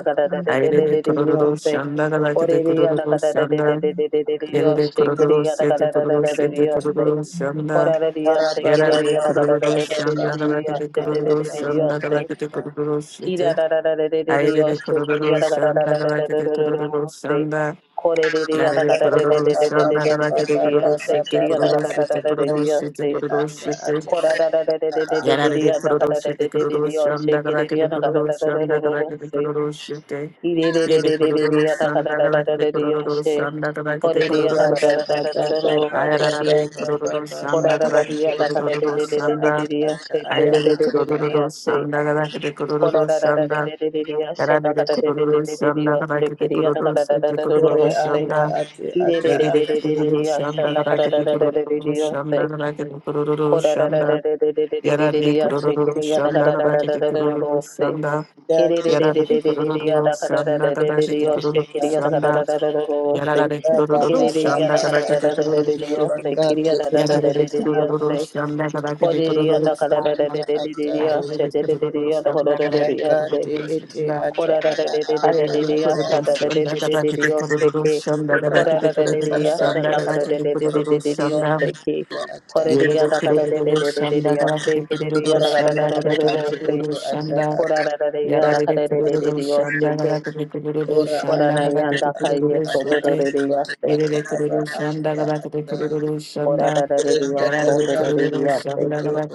S3: I did a
S4: da da
S3: Kururu
S4: se
S3: Shanda, Rakete
S4: Orere
S3: Kururu
S4: yana kadar de de de
S3: Shanda.
S4: de de de de de
S3: Yere
S4: yos
S3: de
S4: şekeri
S3: Kururu
S4: yana
S3: Sete
S4: kadar da da
S3: Kururu
S4: da de
S3: Sete
S4: yos
S2: करो
S4: de.
S3: Kururu Shanda.
S4: Orere
S1: Anda
S4: yos
S1: ati
S3: Yara
S1: ata
S4: şekeri
S3: de
S4: yana kadar
S3: Kururu
S4: da de de de de de
S3: Shanda,
S4: yos
S3: Rakete
S4: de de de
S3: Kururu
S4: de de
S3: Shanda,
S4: yos de.
S3: Rakete Kururu
S4: Kira
S3: Sete.
S4: da da da de de de de
S3: I did a
S4: yos şekeri
S3: Kururu
S4: yana kadar
S3: Shanda,
S4: da da da da da da da
S3: Rakete
S4: da
S3: Kururu
S4: yos de.
S3: Shanda.
S4: Korere yana
S3: Yarare
S4: kadar de de
S3: kororo
S4: de de de de
S3: shanda
S4: de de
S3: rakete kororo
S4: de de yos şekeri
S3: sete kororo
S4: yana
S3: sete
S4: kadar da da da de de
S3: kororo
S4: yos
S3: sete
S4: de.
S3: kororo sete.
S4: Kora da da da de de de de de de
S3: Yarare
S4: yana
S3: kororo
S4: kadar da de
S3: sete
S4: de de
S3: kororo
S4: de yos
S3: shanda
S4: şekeri
S3: rakete
S4: yana kadar
S3: kororo
S4: da da da da da
S3: shanda
S4: da yos
S3: rakete
S4: de.
S3: kororo sete.
S4: İre de de
S3: Yede
S4: de de de de
S3: kororo
S4: yana kadar
S3: shanda
S4: da da da
S3: rakete
S4: da de yos
S3: kororo
S4: de.
S3: shanda rakete
S4: Oreriya da
S3: kororo.
S4: da da da da da da da seki.
S3: Ayarare kororo shanda
S4: Ora da da da
S3: rakete
S4: da da da da da
S3: kororo
S4: da da da da
S3: shanda.
S4: da she da da da
S3: Ayarare
S4: da da da
S3: kororo
S4: da se.
S3: shanda rakete kororo
S4: Ora da da da da
S3: shanda.
S4: da da da da da she da da
S3: Yarare kororo shanda rakete
S4: da da
S3: kororo
S4: da da
S3: sete
S4: da da
S3: kororo
S4: da se.
S3: shanda.
S4: Kiriya da
S3: Nerede kururu şanda
S4: da da
S3: karakter
S4: da da da da da se. Kire da da da da da da da she da da da da da da
S3: kururu
S4: da da
S3: şanda
S4: se.
S3: karakter kururu
S4: Ora da da da
S3: şanda
S4: da da da da da da
S3: yararlı
S4: da she
S3: kururu
S4: kiriya da da da
S3: şanda
S4: da da
S3: karakter
S4: da da
S3: kururu
S4: da se.
S3: şanda
S1: ata
S4: Kire da
S1: ata
S4: da da
S3: yararlı
S4: da da da
S3: kururu
S4: da
S3: şanda
S4: da da da da da da
S3: karakter
S4: dia
S3: kururu
S4: she kiriya
S1: ata
S4: da da da da
S3: şanda
S4: da da da se.
S3: yararlı kururu
S4: Kiriya
S3: şanda
S4: da kada da da
S3: karakter
S4: da da
S3: kururu
S4: da
S3: şanda
S4: yose, kiriya da da da da da
S3: yararlı
S4: da
S3: kururu
S4: yose,
S3: şanda karakter
S4: koriya
S3: kururu
S4: da kada da
S3: şanda
S4: da da da da da
S3: yararı
S4: yose, da da da
S3: kururu
S4: da da kada da da
S3: şanda
S4: da
S3: kadar
S4: yose,
S1: Yakati
S3: kururu
S1: iti
S3: şanda
S1: ata
S4: kora da da
S1: ada
S4: da da da
S3: I
S4: da
S1: anda
S3: am
S4: da
S3: the
S4: da yose,
S1: ata
S3: Kurudos,
S4: da
S3: and
S4: da da da
S3: that
S4: da
S3: about
S4: da
S3: the
S4: da yose
S3: Kurudos,
S4: ke,
S3: some that
S1: ura
S3: about the
S4: kora da da
S1: ata
S4: da da
S3: Kurudos, some
S4: yose,
S1: tarabando
S3: that
S4: da
S3: about
S4: kada
S1: robo
S3: the
S4: da da da da da da da
S1: robo
S3: Kurudos, some
S1: koshende
S4: yose
S3: down.
S4: ke,
S1: ya ata
S4: kora
S3: You
S4: da
S3: read the
S4: ya da kada da da
S3: Kurudos,
S4: da da da da
S3: some that about the
S4: yose, kiriya
S1: ura
S4: da
S3: Kurudos,
S4: kada
S3: some
S1: abu
S4: da
S3: that
S4: da
S1: abu
S4: da da
S3: about
S4: da
S3: the
S1: atu
S4: yose,
S1: utu
S3: Kurudos, some
S1: ata
S3: down.
S1: ata
S4: kora da da da ya
S3: Yara
S4: da
S3: read the
S4: kada da da da da
S3: Kurudos, some that
S4: yose te,
S3: about the Kurudos,
S1: ura
S3: some
S4: kora
S3: that
S4: da
S1: ata
S3: about
S4: ya
S3: the
S4: da
S1: ata
S4: kaiye
S3: Kurudos,
S4: so
S1: abu
S4: da
S3: so
S4: da
S3: they.
S4: da
S1: atu
S4: da
S1: utu
S4: yose.
S3: You
S1: ata
S3: read the
S1: aba
S3: Kurudos, some that
S1: anda
S3: about the
S1: ata
S3: Kurudos, some
S4: Ora
S3: down.
S4: da da da da
S1: rinda
S4: ya
S3: Yara
S4: so
S3: read
S4: da da da
S1: tarabando
S4: da ya se
S1: robo
S4: ke.
S1: robo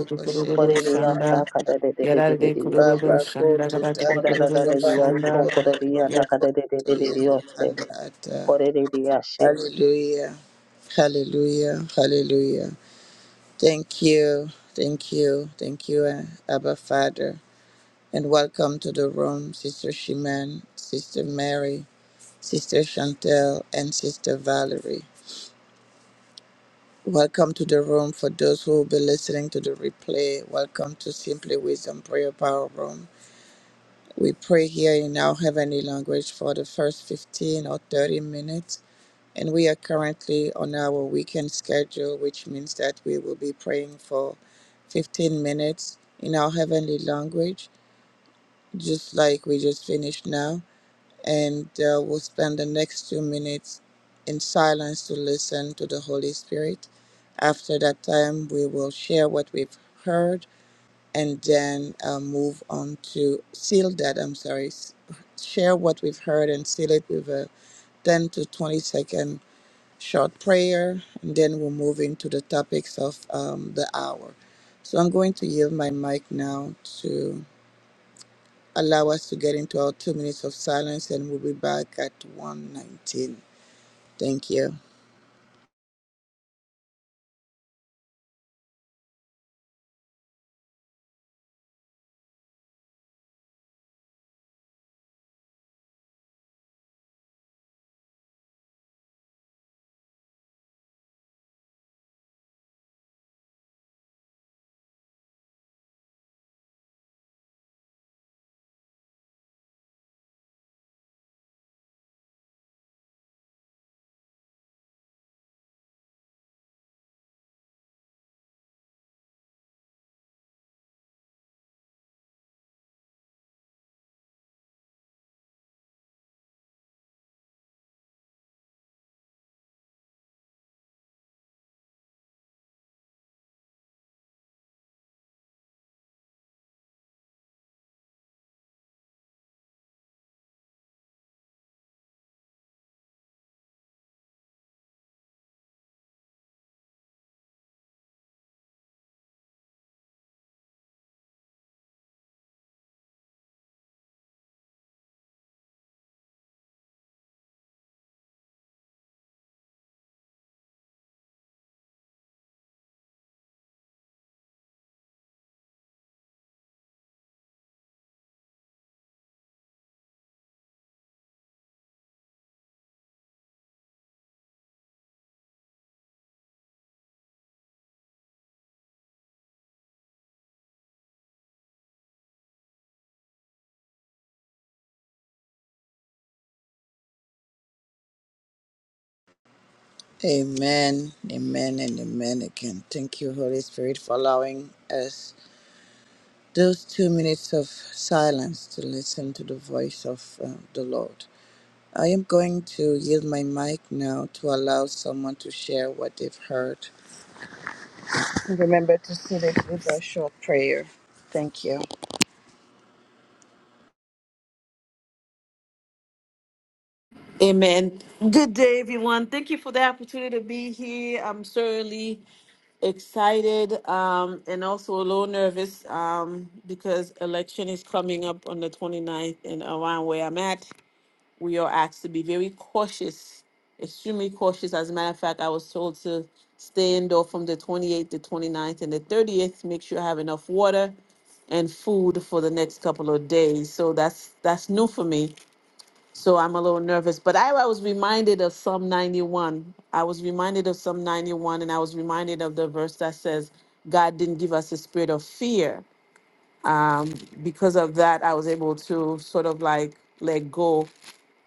S3: the
S1: koshende
S4: Ora da ya
S1: anda
S4: sa
S3: Shanda,
S4: ka
S1: ata
S4: da da da da da da
S3: Yarare
S4: da yo
S3: kururu
S4: she.
S1: Baba
S3: the
S1: koto
S3: kabate
S1: tanda
S4: Ora da da da da
S3: kururu
S4: ya
S1: tarabando
S4: so
S3: shanda.
S4: ko
S1: koto
S4: da da ya
S1: koto
S4: na ka da da da
S1: koto
S4: da da da
S1: yende
S4: yo se.
S1: anda ata.
S4: Ore da da ya she.
S1: Hallelujah. Hallelujah. Hallelujah. Thank you. Thank you. Thank you, uh, Abba Father. And welcome to the room, Sister Shiman, Sister Mary, Sister Chantel, and Sister Valerie. Welcome to the room for those who will be listening to the replay. Welcome to Simply Wisdom Prayer Power Room. We pray here in our heavenly language for the first 15 or 30 minutes. And we are currently on our weekend schedule, which means that we will be praying for 15 minutes in our heavenly language, just like we just finished now. And uh, we'll spend the next two minutes in silence to listen to the Holy Spirit. After that time, we will share what we've heard and then uh, move on to seal that. I'm sorry, s- share what we've heard and seal it with a 10 to 20 second short prayer, and then we'll move into the topics of um, the hour. So I'm going to yield my mic now to allow us to get into our two minutes of silence, and we'll be back at 1:19. Thank you. Amen, amen, and amen again. Thank you, Holy Spirit, for allowing us those two minutes of silence to listen to the voice of uh, the Lord. I am going to yield my mic now to allow someone to share what they've heard. Remember to seal it with a short prayer. Thank you.
S3: Amen. Good day, everyone. Thank you for the opportunity to be here. I'm certainly excited um, and also a little nervous um, because election is coming up on the 29th, and around where I'm at, we are asked to be very cautious, extremely cautious. As a matter of fact, I was told to stay indoor from the 28th, the 29th, and the 30th. Make sure I have enough water and food for the next couple of days. So that's that's new for me. So I'm a little nervous, but I, I was reminded of Psalm 91. I was reminded of Psalm 91, and I was reminded of the verse that says, God didn't give us a spirit of fear. Um, because of that, I was able to sort of like let go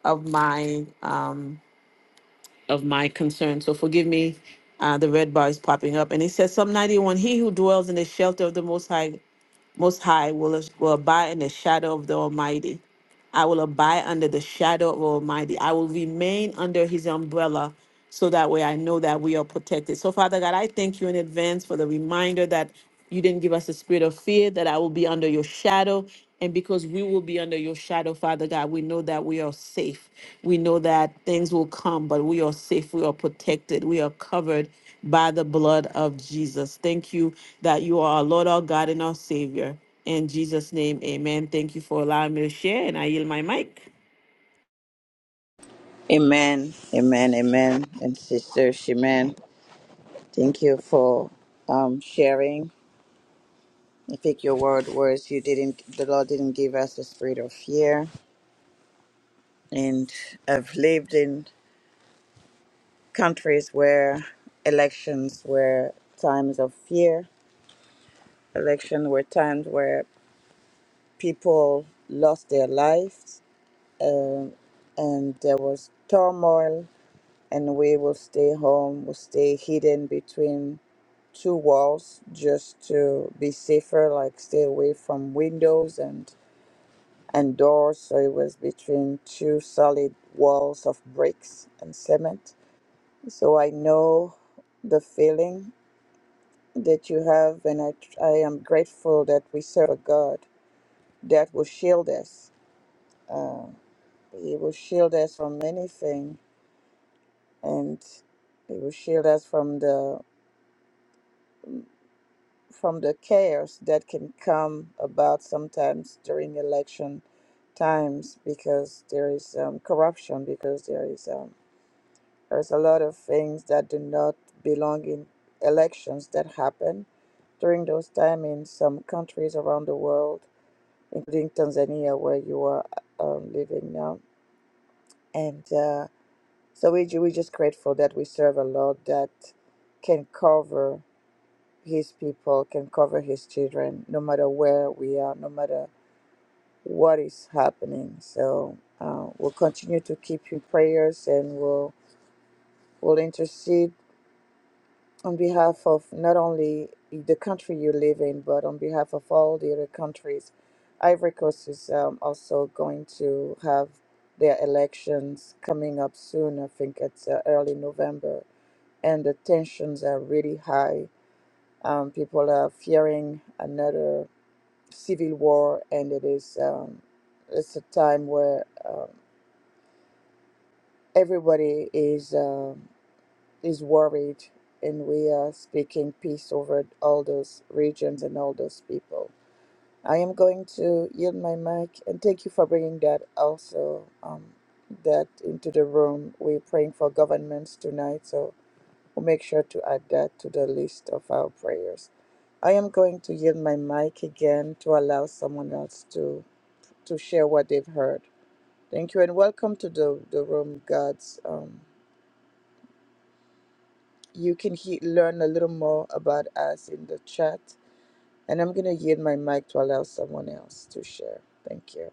S3: of my um, of my concern. So forgive me, uh, the red bar is popping up, and it says Psalm 91: He who dwells in the shelter of the Most High most High will, will abide in the shadow of the Almighty. I will abide under the shadow of Almighty. I will remain under His umbrella so that way I know that we are protected. So, Father God, I thank you in advance for the reminder that you didn't give us a spirit of fear, that I will be under your shadow, and because we will be under your shadow, Father God, we know that we are safe. We know that things will come, but we are safe. We are protected. We are covered by the blood of Jesus. Thank you that you are our Lord, our God, and our Savior. In Jesus' name, amen. Thank you for allowing me to share, and I yield my mic.
S1: Amen. Amen. Amen. And Sister Shimen, thank you for um, sharing. I think your word was you didn't. The Lord didn't give us a spirit of fear, and I've lived in. countries where elections were times of fear, election were times where people lost their lives, um, and there was turmoil, and we will stay home, will stay hidden between two walls just to be safer, like stay away from windows and and doors. So it was between two solid walls of bricks and cement. So I know the feeling that you have, and I, I am grateful that we serve a God that will shield us. Uh, he will shield us from anything, and He will shield us from the from the chaos that can come about sometimes during election times because there is um, corruption, because there is um, there's a lot of things that do not belong in elections that happen during those time in some countries around the world including Tanzania, where you are um, living now. And uh, so we, ju- we're just grateful that we serve a Lord that can cover his people, can cover his children, no matter where we are, no matter what is happening. So uh, we'll continue to keep you in prayers and we'll, we'll intercede on behalf of not only the country you live in, but on behalf of all the other countries. Ivory Coast is um, also going to have their elections coming up soon. I think it's uh, early November, and the tensions are really high. Um, people are fearing another civil war, and it is um, it's a time where um, everybody is. um. is worried, and we are speaking peace over all those regions and all those people. I am going to yield my mic, and thank you for bringing that also um, that into the room. We're praying for governments tonight, so we'll make sure to add that to the list of our prayers. I am going to yield my mic again to allow someone else to to share what they've heard. Thank you, and welcome to the the room, God's. um. you can he- learn a little more about us in the chat. And I'm going to yield my mic to allow someone else to share. Thank you.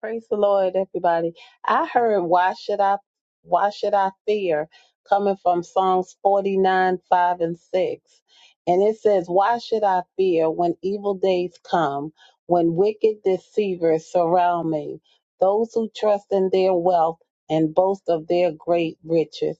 S4: Praise the Lord, everybody. I heard why should I why should I fear coming from Psalms 49, 5, and 6. And it says, Why should I fear when evil days come, when wicked deceivers surround me, those who trust in their wealth and boast of their great riches?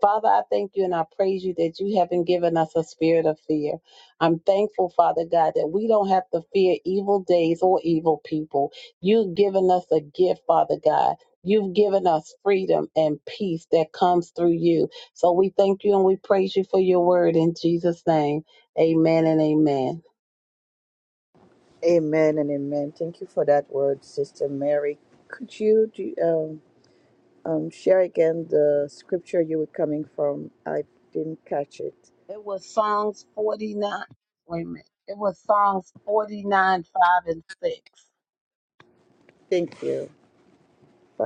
S4: Father, I thank you and I praise you that you haven't given us a spirit of fear. I'm thankful, Father God, that we don't have to fear evil days or evil people. You've given us a gift, Father God. You've given us freedom and peace that comes through you. So we thank you and we praise you for your word in Jesus' name. Amen and amen.
S1: Amen and amen. Thank you for that word, Sister Mary. Could you do, um, um, share again the scripture you were coming from? I didn't catch it.
S4: It was Psalms 49. Wait a minute. It was Psalms 49, 5, and 6.
S1: Thank you.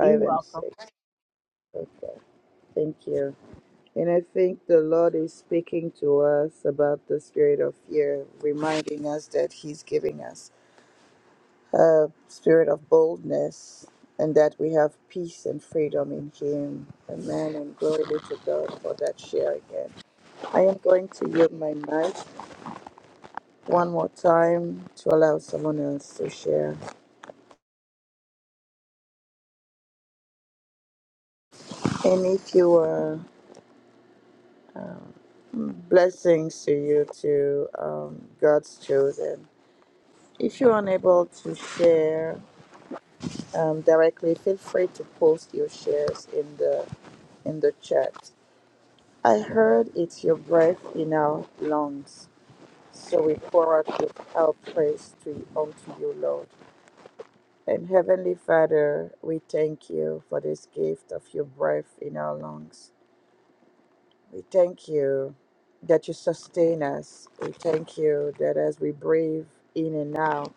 S4: You're
S1: and
S4: welcome.
S1: six. Okay. Thank you. And I think the Lord is speaking to us about the spirit of fear, reminding us that He's giving us a spirit of boldness, and that we have peace and freedom in Him. Amen. And glory be to God for that share again. I am going to yield my mic one more time to allow someone else to share. And if you were blessings to you, to um, God's children. If you're unable to share um, directly, feel free to post your shares in the in the chat. I heard it's your breath in our lungs. So we pour out with our praise to unto you, Lord. And Heavenly Father, we thank you for this gift of your breath in our lungs. We thank you that you sustain us. We thank you that as we breathe in and out,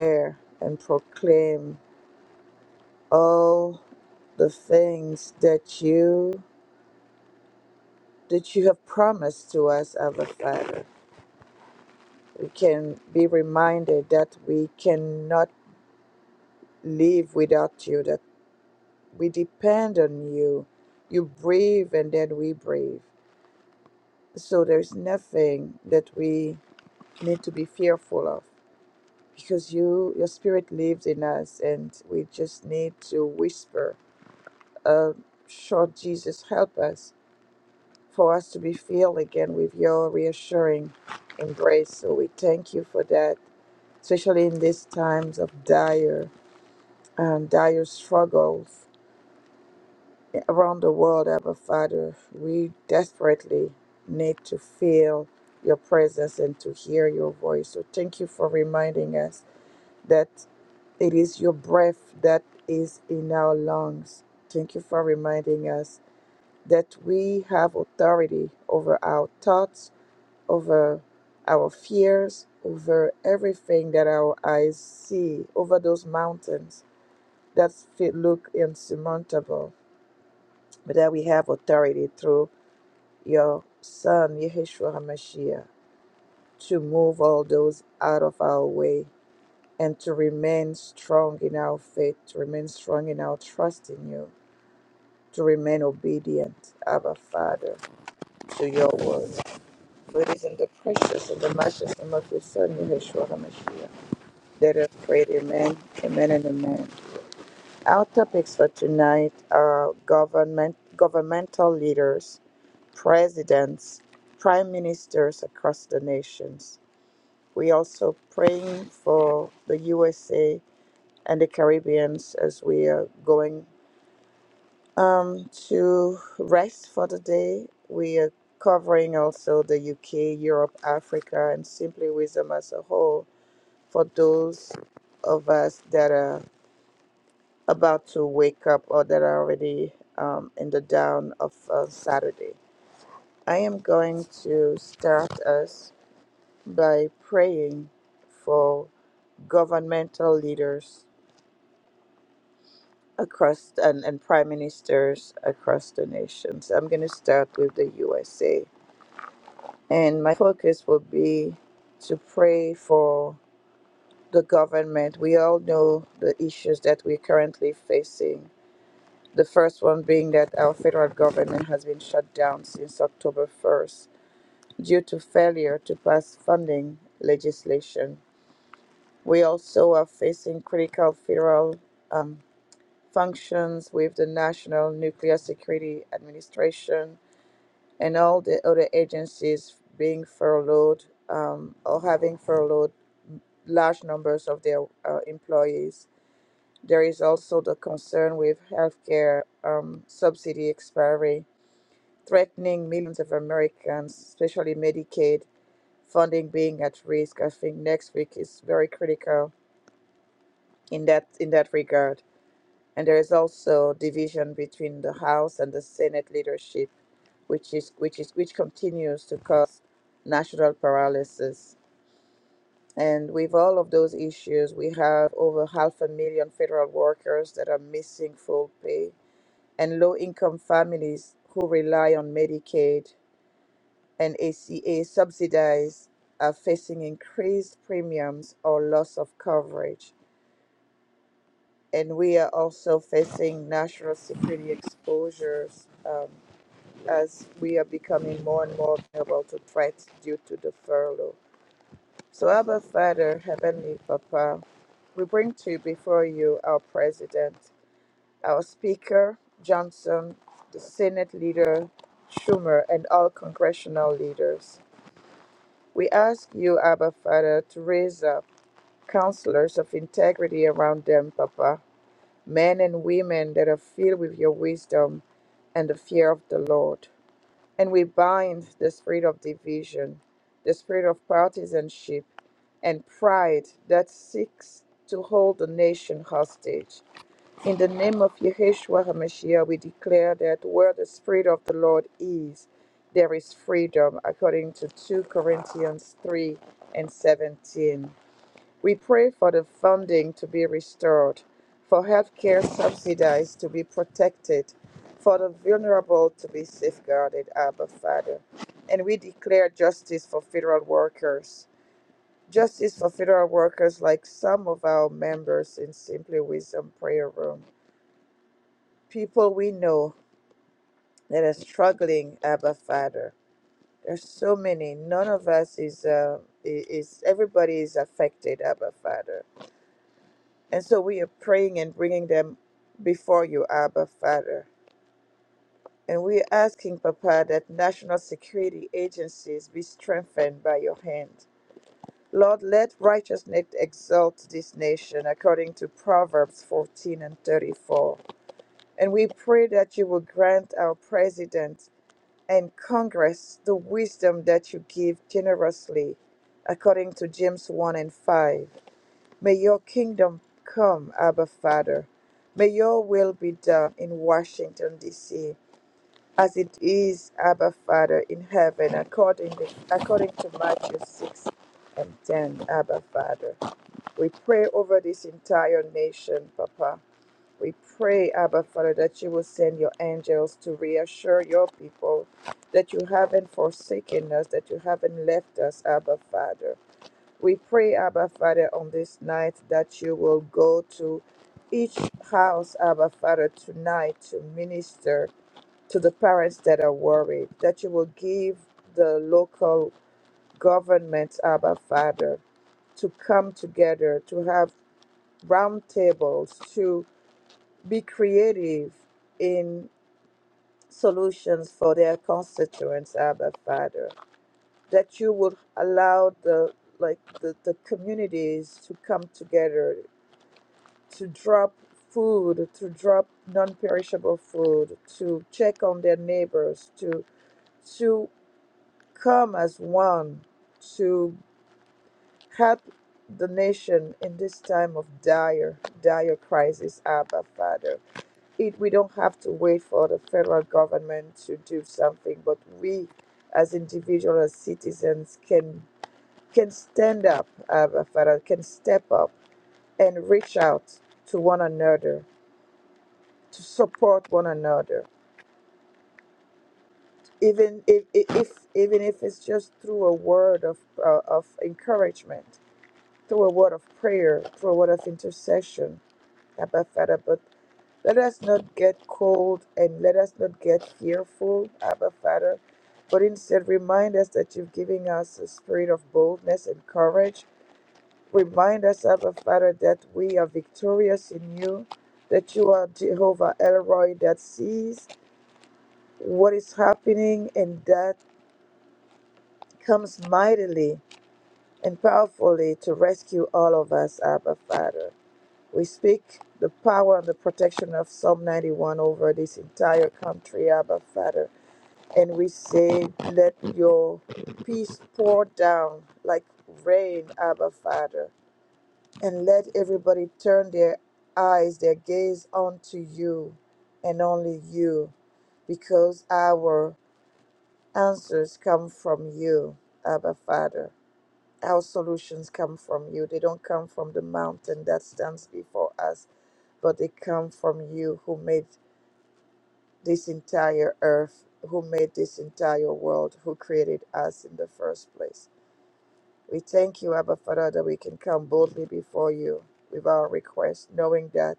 S1: air and proclaim all the things that you that you have promised to us, our Father. We can be reminded that we cannot live without you, that We depend on you. You breathe and then we breathe. So there's nothing that we need to be fearful of because you your spirit lives in us and we just need to whisper, uh, short Jesus help us for us to be filled again with your reassuring embrace. So we thank you for that, especially in these times of dire um, dire struggles around the world, Abba Father. We desperately need to feel your presence and to hear your voice. So thank you for reminding us that it is your breath that is in our lungs. Thank you for reminding us that we have authority over our thoughts, over our fears, over everything that our eyes see, over those mountains that fe- look insurmountable, but that we have authority through your Son, Yeshua HaMashiach, to move all those out of our way and to remain strong in our faith, to remain strong in our trust in you, to remain obedient, Abba Father, to your word. For it is in the precious and the matchless name of your Son, Yeshua HaMashiach, that I pray, Amen, Amen, and Amen. Our topics for tonight are government, governmental leaders, presidents, prime ministers across the nations We also praying for the USA and the Caribbeans as we are going um, to rest for the day. We are covering also the UK, Europe, Africa, and Simply Wisdom as a whole for those of us that are about to wake up or that are already um, in the dawn of uh, Saturday. I am going to start us by praying for governmental leaders across and, and prime ministers across the nations. I'm going to start with the USA. And my focus will be to pray for the government. We all know the issues that we're currently facing. The first one being that our federal government has been shut down since October 1st due to failure to pass funding legislation. We also are facing critical federal um, functions with the National Nuclear Security Administration and all the other agencies being furloughed um, or having furloughed large numbers of their uh, employees. There is also the concern with healthcare um, subsidy expiry, threatening millions of Americans, especially Medicaid funding being at risk. I think next week is very critical in that in that regard. And there is also division between the House and the Senate leadership, which is which is which continues to cause national paralysis. And with all of those issues, we have over half a million federal workers that are missing full pay, and low-income families who rely on Medicaid and ACA subsidies are facing increased premiums or loss of coverage and we are also facing national security exposures um, as we are becoming more and more vulnerable to threats due to the furlough. So, Abba Father, Heavenly Papa, we bring to you before you our President, our Speaker, Johnson, the Senate Leader, Schumer, and all congressional leaders. We ask you, Abba Father, to raise up counselors of integrity around them, Papa, men and women that are filled with your wisdom and the fear of the Lord. And we bind the spirit of division, the spirit of partisanship, and pride that seeks to hold the nation hostage. In the name of Yeshua HaMashiach, we declare that where the spirit of the Lord is, there is freedom, according to 2 Corinthians 3 and 17. We pray for the funding to be restored, for healthcare subsidies to be protected, for the vulnerable to be safeguarded, Abba Father. And we declare justice for federal workers, justice for federal workers like some of our members in Simply Wisdom Prayer Room, people we know that are struggling, Abba Father. There's so many. None of us is, uh, is everybody is affected, Abba Father And so we are praying and bringing them before you, Abba, Father. And we are asking, Papa, that national security agencies be strengthened by your hand. Lord, let righteousness exalt this nation according to Proverbs 14 and 34. And we pray that you will grant our president and Congress the wisdom that you give generously according to James 1 and 5. May your kingdom come, Abba Father. May your will be done in Washington, D.C., as it is, Abba Father, in heaven, according to, according to Matthew 6 and 10, Abba Father. We pray over this entire nation, Papa. We pray, Abba Father, that you will send your angels to reassure your people that you haven't forsaken us, that you haven't left us, Abba Father. We pray, Abba Father, on this night that you will go to each house, Abba Father, tonight to minister to the parents that are worried, that you will give the local governments, Abba Father, to come together, to have round tables, to be creative in solutions for their constituents, Abba Father. That you would allow the like the, the communities to come together to drop food, to drop non perishable food, to check on their neighbors, to, to come as one, to help the nation in this time of dire, dire crisis, Abba Father. It, we don't have to wait for the federal government to do something, but we as individuals, as citizens, can can stand up, Abba Father, can step up and reach out to one another to support one another even if, if even if it's just through a word of uh, of encouragement through a word of prayer through a word of intercession abba father but let us not get cold and let us not get fearful abba father but instead remind us that you've given us a spirit of boldness and courage remind us abba father that we are victorious in you that you are jehovah elroy that sees what is happening, and that comes mightily and powerfully to rescue all of us, Abba Father. We speak the power and the protection of Psalm 91 over this entire country, Abba Father. And we say, let your peace pour down like rain, Abba Father. And let everybody turn their eyes, their gaze onto you and only you, because our answers come from you, Abba Father. Our solutions come from you. They don't come from the mountain that stands before us, but they come from you who made this entire earth, who made this entire world, who created us in the first place. We thank you, Abba Father, that we can come boldly before you with our request, knowing that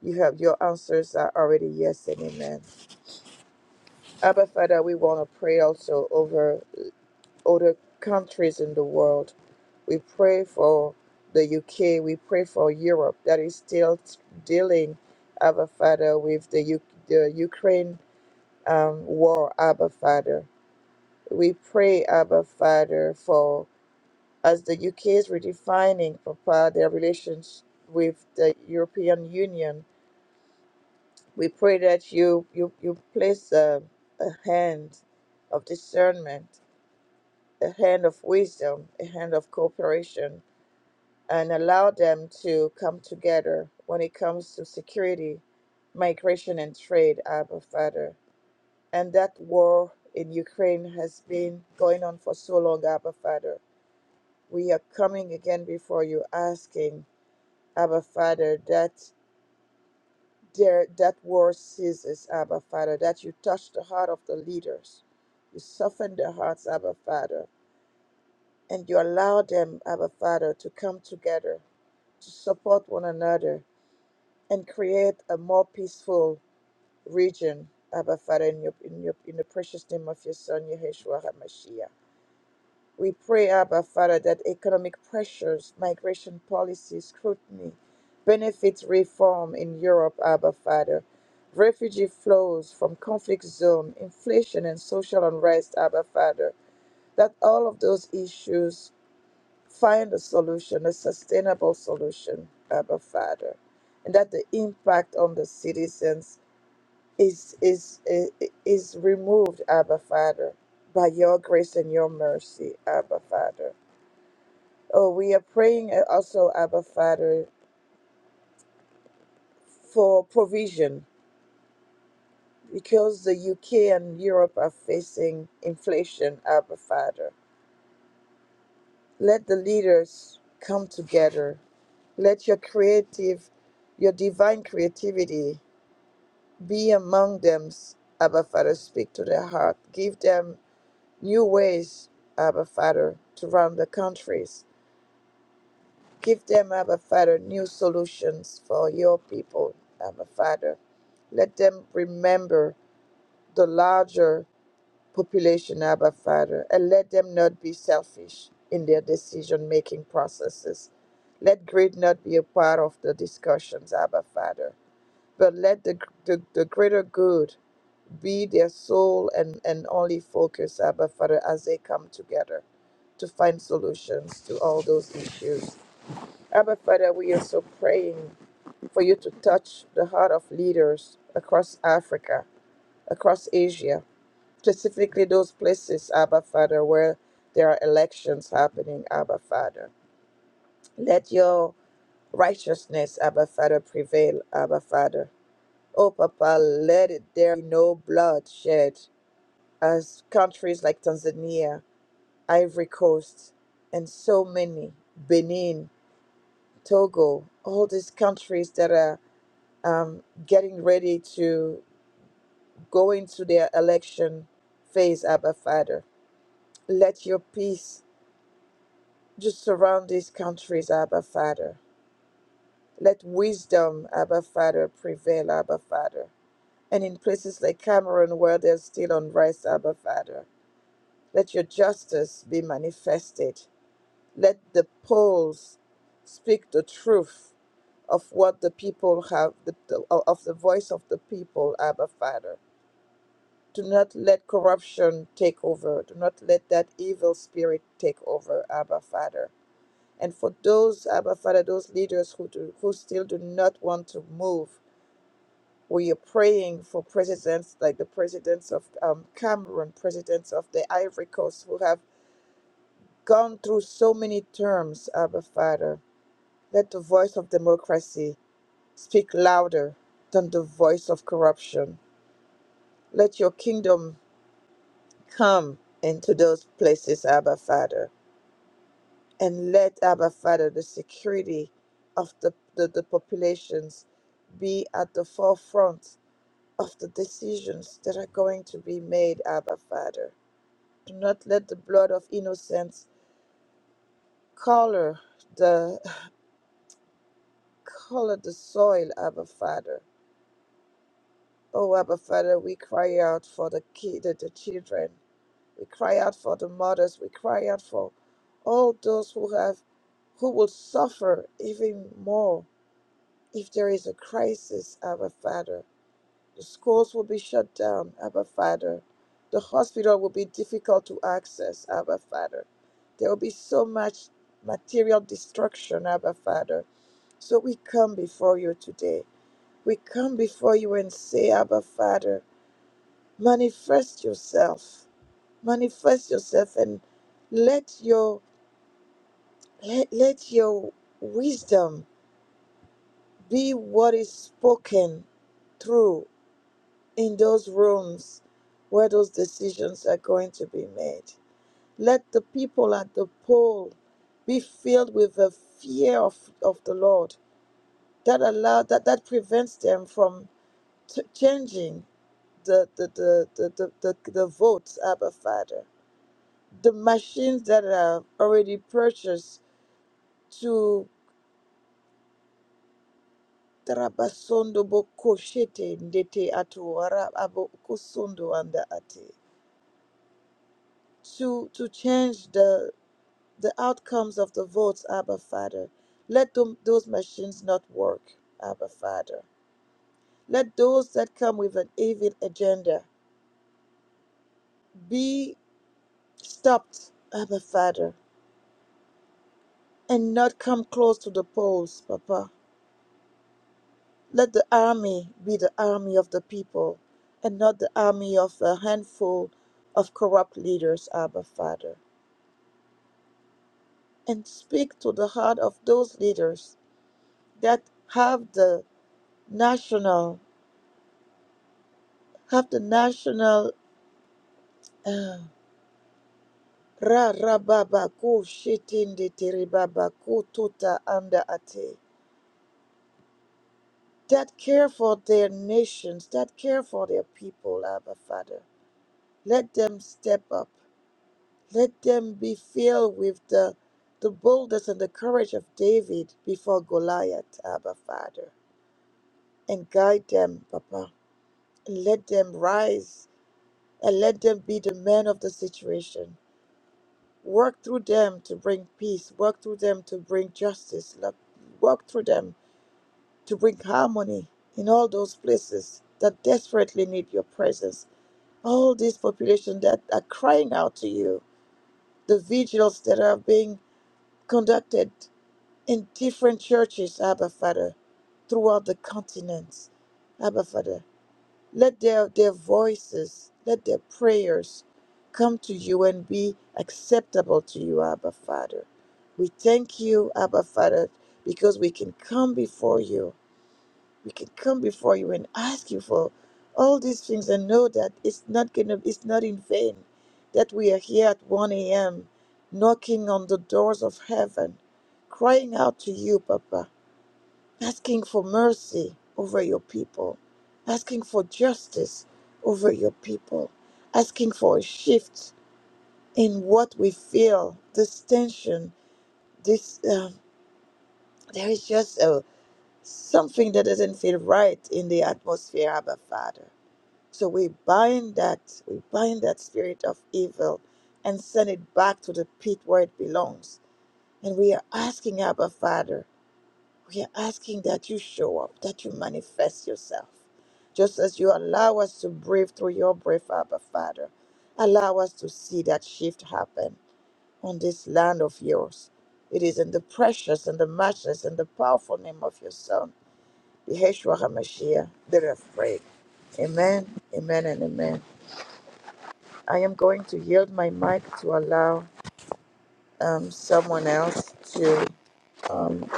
S1: you have your answers are already yes and amen. Abba Father, we want to pray also over other countries in the world We pray for the UK. We pray for Europe that is still t- dealing, Abba Father, with the, U- the Ukraine um, war, Abba Father. We pray, Abba Father, for as the UK is redefining, Papa, their relations with the European Union. We pray that you you you place a, a hand of discernment, a hand of wisdom, a hand of cooperation and allow them to come together when it comes to security, migration, and trade, Abba Father. And that war in Ukraine has been going on for so long, Abba Father. We are coming again before you asking, Abba Father, that there, that war ceases, Abba Father, that you touch the heart of the leaders. You soften their hearts, Abba Father, and you allow them, Abba Father, to come together, to support one another, and create a more peaceful region, Abba Father, in, your, in, your, in the precious name of your Son, Yeshua HaMashiach. We pray, Abba Father, that economic pressures, migration policy scrutiny, benefits reform in Europe, Abba Father, refugee flows from conflict zone, inflation and social unrest, Abba Father, that all of those issues Find a solution, a sustainable solution, Abba Father, and that the impact on the citizens is is is, is removed, Abba Father, by your grace and your mercy, Abba Father. Oh, we are praying uh, also, Abba Father, for provision because the UK and Europe are facing inflation, Abba Father. Let the leaders come together. Let your creative, your divine creativity Be among them, Abba Father. Speak to their heart. Give them new ways, Abba Father, to run the countries. Give them, Abba Father, new solutions for your people, Abba Father. Let them remember the larger population, Abba Father, and let them not be selfish in their decision making processes. Let greed not be a part of the discussions, Abba Father, but let the, the, the greater good be their sole and, and only focus, Abba Father, as they come together to find solutions to all those issues. Abba Father, we are so praying for you to touch the heart of leaders across Africa, across Asia, specifically those places, Abba Father, where there are elections happening, Abba Father. Let your righteousness, Abba Father, prevail, Abba Father. Oh, Papa, let it there be no blood shed as countries like Tanzania, Ivory Coast, and so many, Benin, Togo, all these countries that are um, getting ready to go into their election phase, Abba Father. Let your peace just surround these countries, Abba Father. Let wisdom, Abba Father, prevail, Abba Father. And in places like Cameroon, where there's still unrest, Abba Father, let your justice be manifested Let the polls speak the truth of what the people have, the, the- of the voice of the people, Abba Father. Do not let corruption take over. Do not let that evil spirit take over, Abba Father. And for those, Abba Father, those leaders who, do, who still do not want to move, we are praying for presidents like the presidents of um, Cameroon, presidents of the Ivory Coast, who have gone through so many terms, Abba Father Let the voice of democracy speak louder than the voice of corruption. Let your kingdom come into those places, Abba Father. And let, Abba Father, the security of the, the, the populations be at the forefront of the decisions that are going to be made, Abba Father. Do not let the blood of innocence color the <laughs> color the soil, Abba Father Oh, Abba Father, we cry out for the kid, the, the children. We cry out for the mothers. We cry out for all those who have, who will suffer even more if there is a crisis, Abba Father. The schools will be shut down, Abba Father. The hospital will be difficult to access, Abba Father. There will be so much material destruction, Abba Father. So we come before you today. We come before you and say, Abba Father manifest yourself manifest yourself and let your let, let your wisdom be what is spoken through in those rooms where those decisions are going to be made let the people at the poll be filled with the fear of, of the lord that allow that that prevents them from t- changing the the, the, the, the the the votes abba father the machines that are already purchased to Tarabasondo Bokoshete Ndete Ato Ara- Abo- Kosondo Anda Ate to to change the the outcomes of the votes, Abba Father. Let them, those machines not work, Abba Father. Let those that come with an evil agenda be stopped, Abba Father, and not come close to the polls, Papa Let the army be the army of the people and not the army of a handful of corrupt leaders, Abba Father. And speak to the heart of those leaders that have the national, have the national. Uh, Ra rababa ku shitindi tiribaba ku tuta anda ate. That care for their nations, that care for their people, Abba Father. Let them step up Let them be filled with the, the boldness and the courage of David before Goliath, Abba Father. And guide them, Papa. And let them rise and let them be the men of the situation. Work through them to bring peace. Work through them to bring justice. Lo- Work through them to bring harmony in all those places that desperately need your presence. All these population that are crying out to you, the vigils that are being conducted in different churches, Abba Father, throughout the continents. Abba Father, let their, their voices, let their prayers come to you and be acceptable to you, Abba Father. We thank you, Abba Father, because we can come before you we can come before you and ask you for all these things and know that it's not gonna it's not in vain that we are here at 1 a.m knocking on the doors of heaven crying out to you papa asking for mercy over your people asking for justice over your people asking for a shift in what we feel this tension this um, there is just a something that doesn't feel right in the atmosphere abba father So we bind that, we bind that spirit of evil and send it back to the pit where it belongs. And we are asking Abba Father, we are asking that you show up, that you manifest yourself. Just as you allow us to breathe through your breath, Abba Father, allow us to see that shift happen on this land of yours. It is in the precious and the matchless and the powerful name of your Son, Yeshua HaMashiach, that I pray. Amen, amen, and amen. I am going to yield my mic to allow um, someone else to um,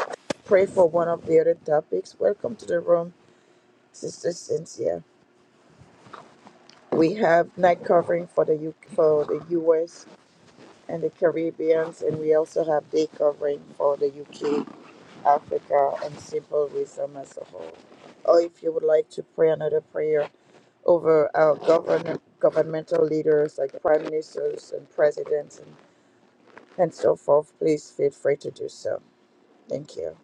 S1: pray for one of the other topics. Welcome to the room, Sister Cynthia. We have night covering for the U- for the US and the Caribbeans, and we also have day covering for the UK, Africa, and Simple Wisdom as a whole. Or if you would like to pray another prayer over our govern- governmental leaders like prime ministers and presidents and so forth, please feel free to do so. Thank you.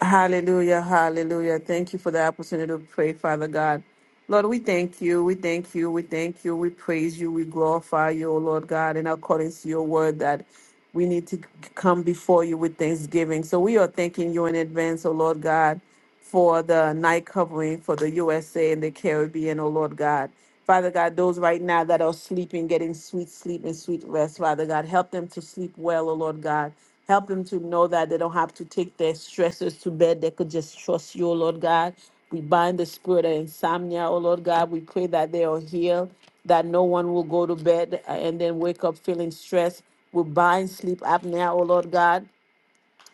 S3: Hallelujah, hallelujah. Thank you for the opportunity to pray, Father God. Lord, we thank you, we thank you, we thank you, we praise you, we glorify you, O Lord God, in accordance to your word that we need to come before you with thanksgiving. So we are thanking you in advance, O Lord God, for the night covering for the USA and the Caribbean, O Lord God. Father God, those right now that are sleeping, getting sweet sleep and sweet rest, Father God, help them to sleep well, O Lord God. Help them to know that they don't have to take their stressors to bed. They could just trust you, oh Lord God. We bind the spirit of insomnia, oh Lord God. We pray that they are healed, that no one will go to bed uh, and then wake up feeling stressed. We bind sleep apnea, oh Lord God.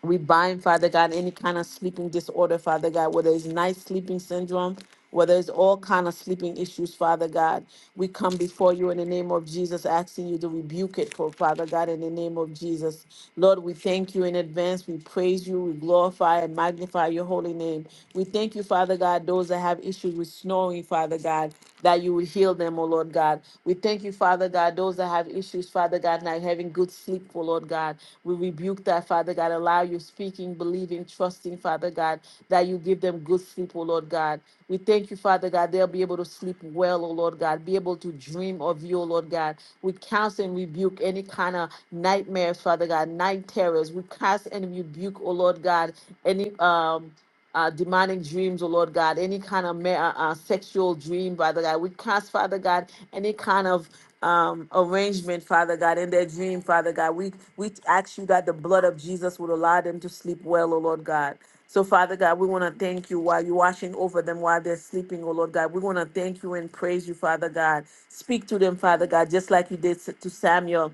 S3: We bind, Father God, any kind of sleeping disorder, Father God, whether it's night sleeping syndrome, whether it's all kind of sleeping issues, Father God. We come before you in the name of Jesus, asking you to rebuke it for Father God in the name of Jesus. Lord, we thank you in advance. We praise you. We glorify and magnify your holy name. We thank you, Father God, those that have issues with snoring, Father God, that you would heal them, oh Lord God. We thank you, Father God, those that have issues, Father God, not having good sleep, oh Lord God. We rebuke that, Father God. Allow you speaking, believing, trusting, Father God, that you give them good sleep, oh Lord God. We thank you, Father God. They'll be able to sleep well, oh Lord God. Be able to dream of you, oh Lord God. We counsel and rebuke any kind of nightmares, Father God, night terrors. We cast and rebuke, oh Lord God, any um uh, demonic dreams, oh Lord God, any kind of ma- uh, uh, sexual dream, Father God. We cast, Father God, any kind of um, arrangement, Father God, in their dream, Father God. We we ask you that the blood of Jesus would allow them to sleep well, oh Lord God. So, Father God, we want to thank you while you're watching over them while they're sleeping, oh Lord God. We want to thank you and praise you, Father God. Speak to them, Father God, just like you did to Samuel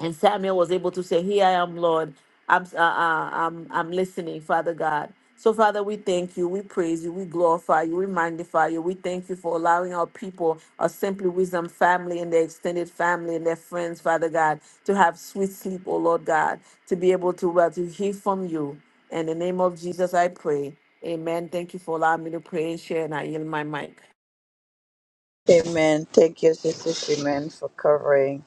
S3: and Samuel was able to say, "Here I am, Lord. I'm uh, uh, I'm I'm listening, Father God." So, Father, we thank you, we praise you, we glorify you, we magnify you. We thank you for allowing our people, our Simply Wisdom family and their extended family and their friends, Father God, to have sweet sleep, oh Lord God, to be able to well to hear from you. In the name of Jesus, I pray. Amen. Thank you for allowing me to pray and share, and I yield my mic.
S1: Amen. Thank you, Sister Shimen, for covering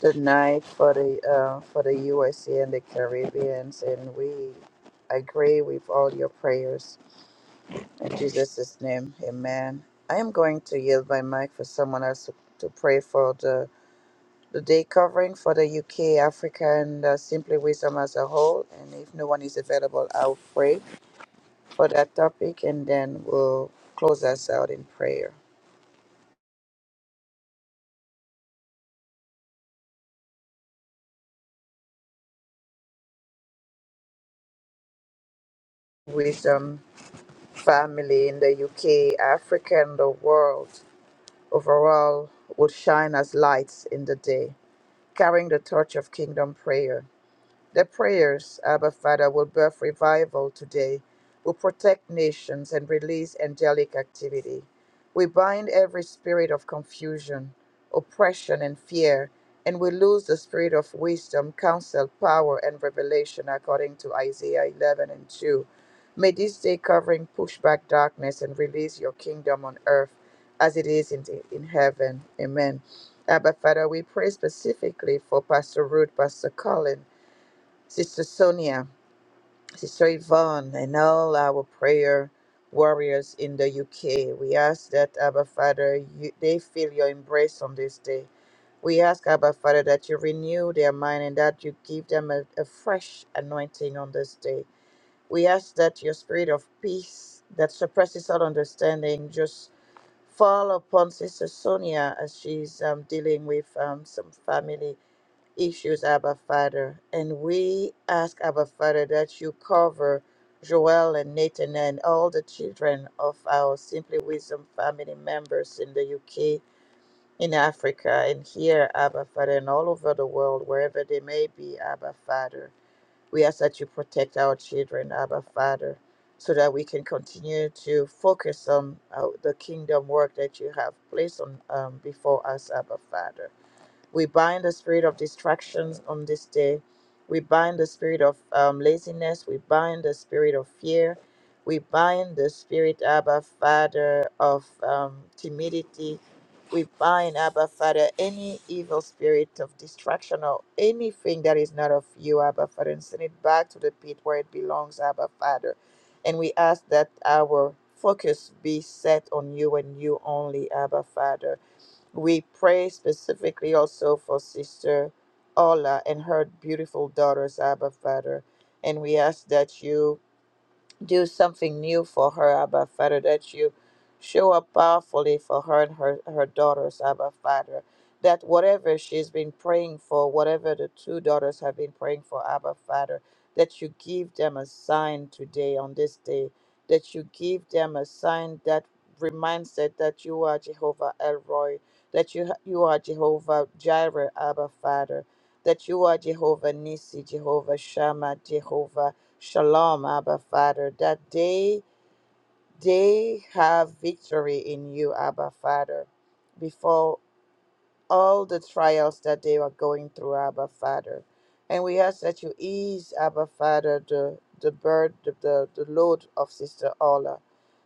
S1: the night for the uh, for the USA and the Caribbeans, and we agree with all your prayers in Jesus' name. Amen. I am going to yield my mic for someone else to, to pray for the the day covering for the UK, Africa, and uh, Simply Wisdom as a whole. And if no one is available, I'll pray. for that topic and then we'll close us out in prayer. Wisdom family in the UK, Africa, and the world overall would shine as lights in the day, carrying the torch of kingdom prayer. Their prayers, Abba Father, will birth revival today, will protect nations and release angelic activity. We bind every spirit of confusion, oppression, and fear, and we lose the spirit of wisdom, counsel, power, and revelation, according to Isaiah 11 and 2. May this day covering push back darkness and release your kingdom on earth as it is in, in heaven. Amen. Abba Father, we pray specifically for Pastor Ruth, Pastor Colin. Sister Sonia, Sister Yvonne, and all our prayer warriors in the UK. We ask that, Abba Father, you, they feel your embrace on this day. We ask, Abba Father, that you renew their mind and that you give them a, a fresh anointing on this day. We ask that your spirit of peace that surpasses all understanding just fall upon Sister Sonia as she's um, dealing with um, some family issues, Abba Father. And we ask, Abba Father, that you cover Joel and Nathan and all the children of our Simply Wisdom family members in the UK, in Africa, and here, Abba Father, and all over the world, wherever they may be, Abba Father. We ask that you protect our children, Abba Father, so that we can continue to focus on uh, the kingdom work that you have placed on um, before us, Abba Father. We bind the spirit of distractions on this day. We bind the spirit of um, laziness. We bind the spirit of fear. We bind the spirit, Abba Father, of um, timidity. We bind, Abba Father, any evil spirit of distraction or anything that is not of you, Abba Father, and send it back to the pit where it belongs, Abba Father. And we ask that our focus be set on you and you only, Abba Father. We pray specifically also for Sister Ola and her beautiful daughters, Abba Father. And we ask that you do something new for her, Abba Father, that you show up powerfully for her and her, her daughters, Abba Father. That whatever she's been praying for, whatever the two daughters have been praying for, Abba Father, that you give them a sign today on this day, that you give them a sign that reminds them that you are Jehovah Elroy, that you you are Jehovah Jireh, Abba Father, that you are Jehovah Nisi, Jehovah Shammah, Jehovah. Shalom, Abba Father, that they they have victory in you, Abba Father, before all the trials that they are going through, Abba Father. And we ask that you ease, Abba Father, the the burden, the, the, the load of Sister Ola,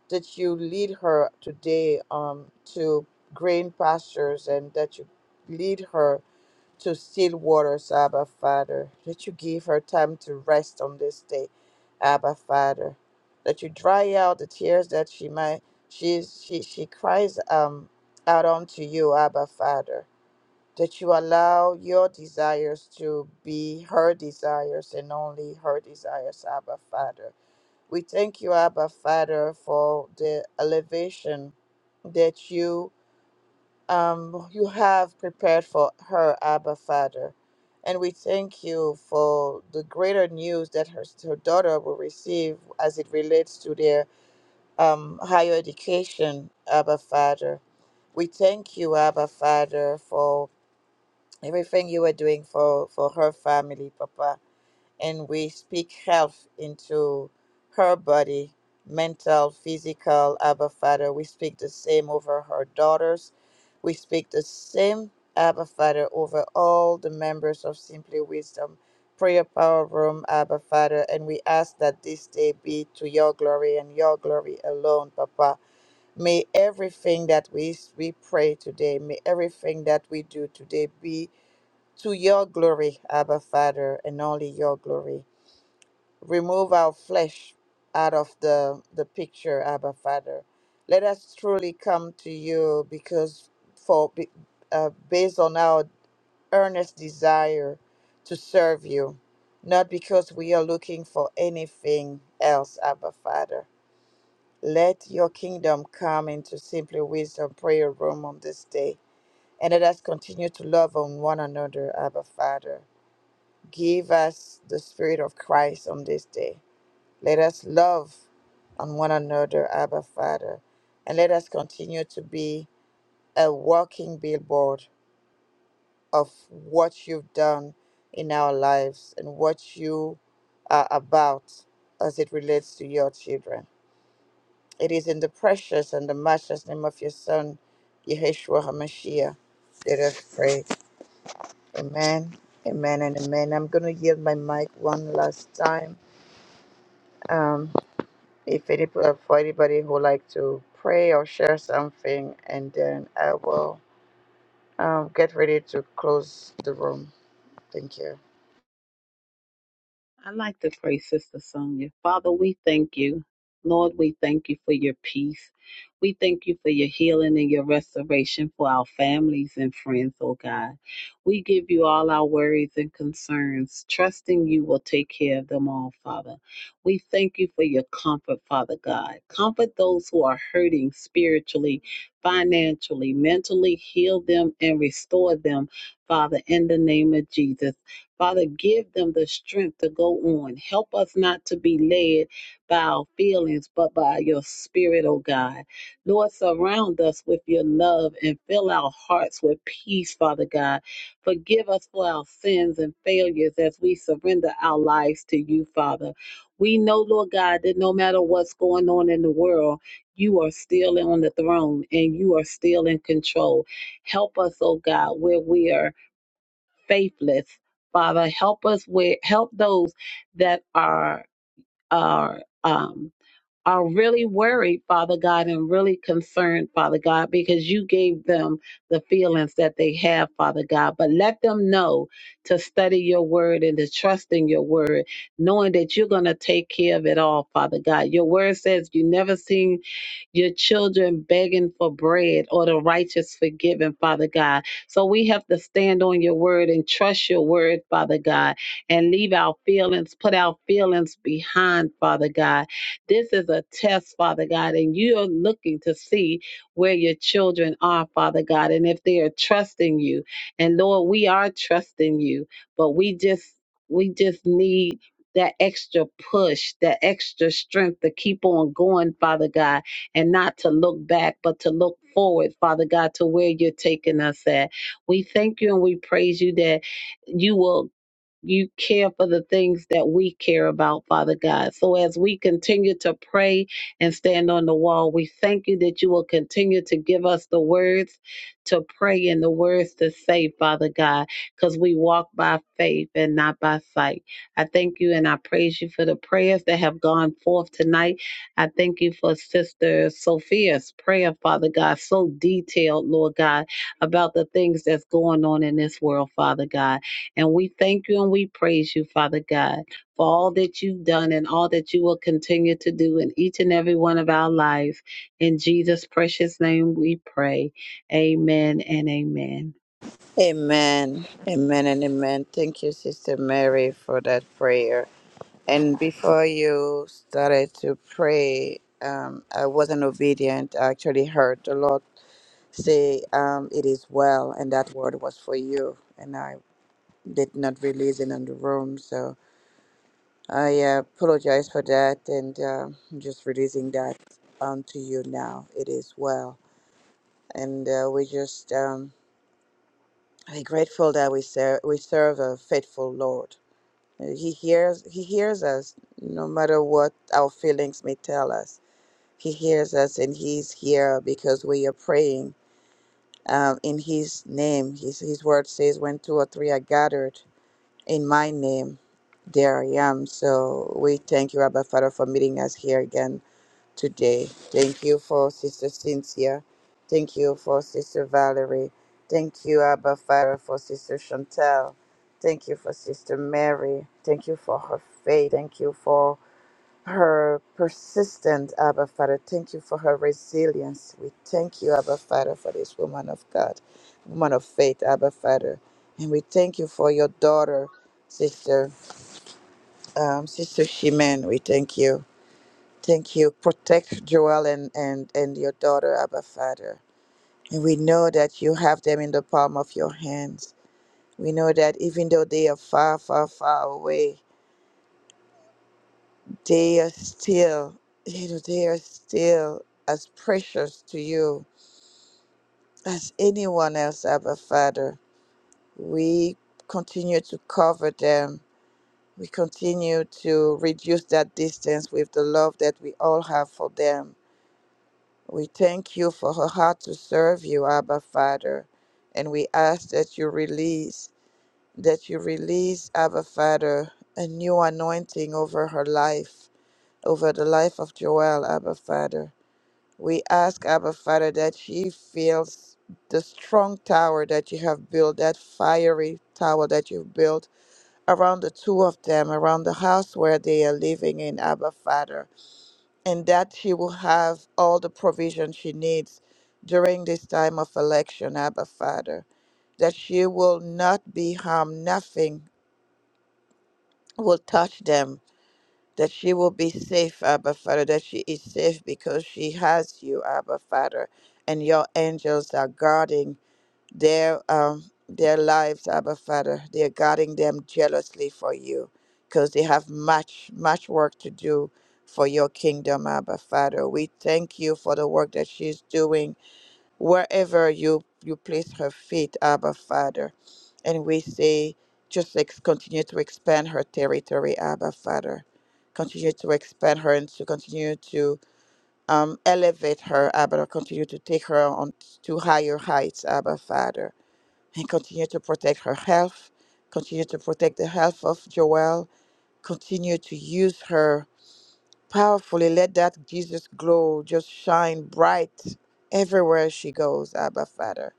S1: that you lead her today um to green pastures and that you lead her to still waters, Abba Father. That you give her time to rest on this day, Abba Father. That you dry out the tears that she might she she she cries um out unto you, Abba Father. That you allow your desires to be her desires and only her desires, Abba Father. We thank you, Abba Father, for the elevation that you um, you have prepared for her, Abba Father. And we thank you for the greater news that her, her daughter will receive as it relates to their um, higher education, Abba Father. We thank you, Abba Father, for everything you are doing for, for her family, Papa and we speak health into her body, mental, physical. Abba Father, we speak the same over her daughters. We speak the same, Abba Father, over all the members of Simply Wisdom Prayer Power Room, Abba Father, and we ask that this day be to your glory and your glory alone, Papa. May everything that we, we pray today, may everything that we do today be to your glory, Abba Father, and only your glory. Remove our flesh out of the, the picture, Abba Father. Let us truly come to you because for be- uh, based on our earnest desire to serve you, not because we are looking for anything else, Abba Father. Let your kingdom come into Simply Wisdom Prayer Room on this day. And let us continue to love on one another, Abba Father. Give us the Spirit of Christ on this day let us love on one another, Abba Father, and let us continue to be a walking billboard of what you've done in our lives and what you are about as it relates to your children. It is in the precious and the matchless name of your Son, Yeshua HaMashiach, that i pray. Amen. Amen and amen. I'm going to yield my mic one last time. Um, If any, uh, for anybody who like to pray or share something, and then I will um, get ready to close the room. Thank you.
S4: I like to pray, Sister Sonia. Father, we thank you. Lord, we thank you for your peace. We thank you for your healing and your restoration for our families and friends, oh God. We give you all our worries and concerns, trusting you will take care of them all, Father. We thank you for your comfort, Father God. Comfort those who are hurting spiritually, financially, mentally, heal them and restore them, Father, in the name of Jesus. Father, give them the strength to go on. Help us not to be led by our feelings, but by your spirit, oh God. Lord, surround us with your love and fill our hearts with peace, Father God. Forgive us for our sins and failures as we surrender our lives to you, Father. We know, Lord God, that no matter what's going on in the world, you are still on the throne and you are still in control. Help us, oh God, where we are faithless. Father, help us with help those that are are um are really worried, Father God, and really concerned, Father God, because you gave them the feelings that they have, Father God. But let them know to study your word and to trust in your word, knowing that you're going to take care of it all, Father God. Your word says you never seen your children begging for bread or the righteous forgiven, Father God. So we have to stand on your word and trust your word, Father God, and leave our feelings, put our feelings behind, Father God. This is a test, Father God, and you're looking to see where your children are, Father God, and if they are trusting you. And Lord, we are trusting you, but we just we just need that extra push, that extra strength to keep on going, Father God and not to look back, but to look forward, Father God, to where you're taking us at. We thank you and we praise you that you will you care for the things that we care about, Father God. So as we continue to pray and stand on the wall, we thank you that you will continue to give us the words to pray and the words to say, Father God, because we walk by faith and not by sight. I thank you and I praise you for the prayers that have gone forth tonight. I thank you for Sister Sophia's prayer, Father God, so detailed, Lord God, about the things that's going on in this world, Father God. And we thank you and we praise you, Father God, for all that you've done and all that you will continue to do in each and every one of our lives. In Jesus' precious name we pray. Amen and amen.
S1: Amen. Amen and amen. Thank you, Sister Mary, for that prayer. And before you started to pray, um, I wasn't obedient. I actually heard the Lord say, um, It is well, and that word was for you. And I did not release it in the room. So I uh, apologize for that, and uh, I'm just releasing that onto you now. It is well, and uh, we just um, are grateful that we serve we serve a faithful Lord. Uh, He hears He hears us, no matter what our feelings may tell us. He hears us, and He's here because we are praying um, in His name. His His word says, "When two or three are gathered in My name." There I am. So we thank you, Abba Father, for meeting us here again today. Thank you for Sister Cynthia. Thank you for Sister Valerie. Thank you, Abba Father, for Sister Chantel. Thank you for Sister Mary. Thank you for her faith. Thank you for her persistent, Abba Father. Thank you for her resilience. We thank you, Abba Father, for this woman of God, woman of faith, Abba Father. And we thank you for your daughter, Sister, um, Sister Shimen. We thank you. Thank you. Protect Joel and, and, and your daughter, Abba Father. And we know that you have them in the palm of your hands. We know that even though they are far, far, far away, they are still, you know, they are still as precious to you as anyone else, Abba Father. We continue to cover them. We continue to reduce that distance with the love that we all have for them We thank you for her heart to serve you, Abba Father, and we ask that you release, that you release, Abba Father, a new anointing over her life, over the life of Joel, Abba Father. We ask, Abba Father, that she feels the strong tower that you have built, that fiery tower that you've built around the two of them, around the house where they are living in, Abba Father and that she will have all the provision she needs during this time of election, Abba Father, that she will not be harmed, nothing will touch them, that she will be safe, Abba Father, that she is safe because she has you, Abba Father, and your angels are guarding their um their lives, Abba Father. They're guarding them jealously for you because they have much, much work to do for your kingdom, Abba Father. We thank you for the work that she's doing wherever you you place her feet, Abba Father. And we say just ex- continue to expand her territory, Abba Father. Continue to expand her and to continue to um, elevate her, Abba. Continue to take her on to higher heights, Abba Father and continue to protect her health, continue to protect the health of Joelle, continue to use her powerfully. Let that Jesus glow just shine bright everywhere she goes, Abba Father.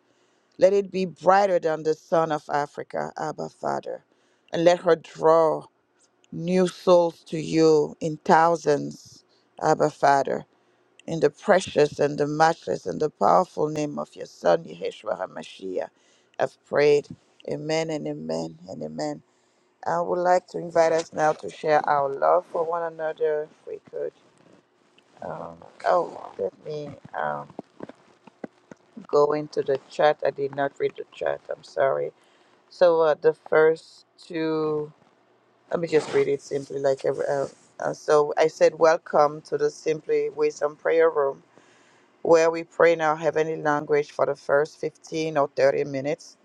S1: Let it be brighter than the sun of Africa, Abba Father. And let her draw new souls to you in thousands, Abba Father in the precious and the matchless and the powerful name of your Son, Yeshua HaMashiach. I've prayed. Amen and amen and amen. I would like to invite us now to share our love for one another. If we could. Um, oh, let me um, go into the chat. I did not read the chat. I'm sorry. So uh, the first two, let me just read it simply like every. Uh, uh, so I said, Welcome to the Simply Wisdom Prayer Room. where we pray in our heavenly language for the first 15 or 30 minutes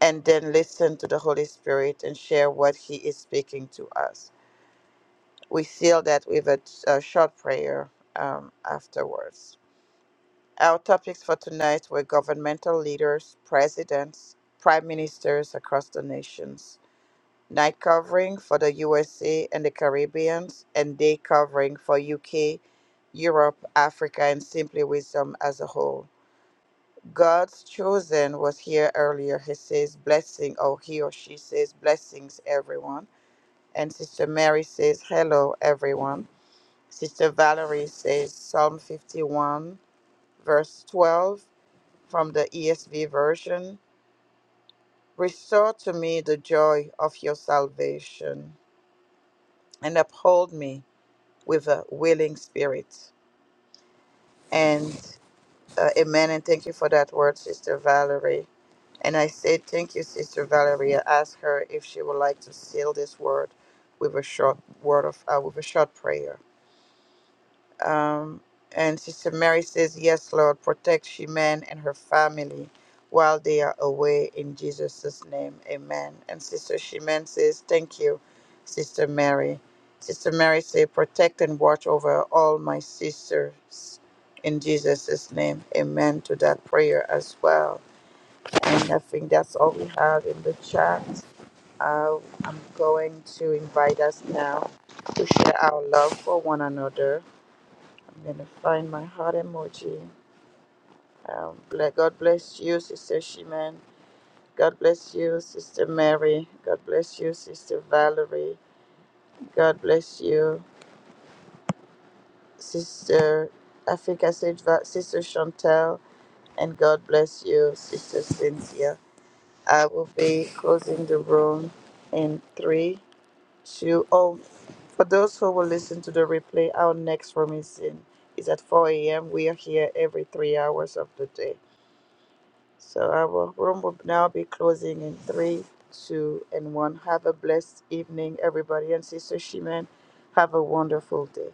S1: and then listen to the Holy Spirit and share what He is speaking to us. We seal that with a, a short prayer um, afterwards. Our topics for tonight were governmental leaders, presidents, prime ministers across the nations, night covering for the USA and the Caribbean, and day covering for UK, Europe, Africa, and Simply Wisdom as a whole. God's chosen was here earlier. He says blessing, or he or she says blessings, everyone. And Sister Mary says hello, everyone. Sister Valerie says Psalm 51, verse 12 from the ESV version Restore to me the joy of your salvation and uphold me with a willing spirit. And Uh, amen. And thank you for that word, Sister Valerie. And I say thank you, Sister Valerie. I ask her if she would like to seal this word with a short word of uh, with a short prayer. Um, and Sister Mary says, Yes, Lord, protect Sheman and her family while they are away in Jesus' name. Amen. And Sister Sheman says, Thank you, Sister Mary. Sister Mary says, Protect and watch over all my sisters in Jesus' name. Amen to that prayer as well. And I think that's all we have in the chat. Uh, I'm going to invite us now to share our love for one another I'm gonna find my heart emoji. Um, ble- God bless you, Sister Shiman. God bless you, Sister Mary. God bless you, Sister Valerie. God bless you, Sister. I think I said Va- Sister Chantel, and God bless you, Sister Cynthia. I will be closing the room in three, two, oh. For those who will listen to the replay, our next room is in is at 4 a.m. We are here every three hours of the day. So our room will now be closing in three, two, and one. Have a blessed evening, everybody. And Sister Shimen, have a wonderful day.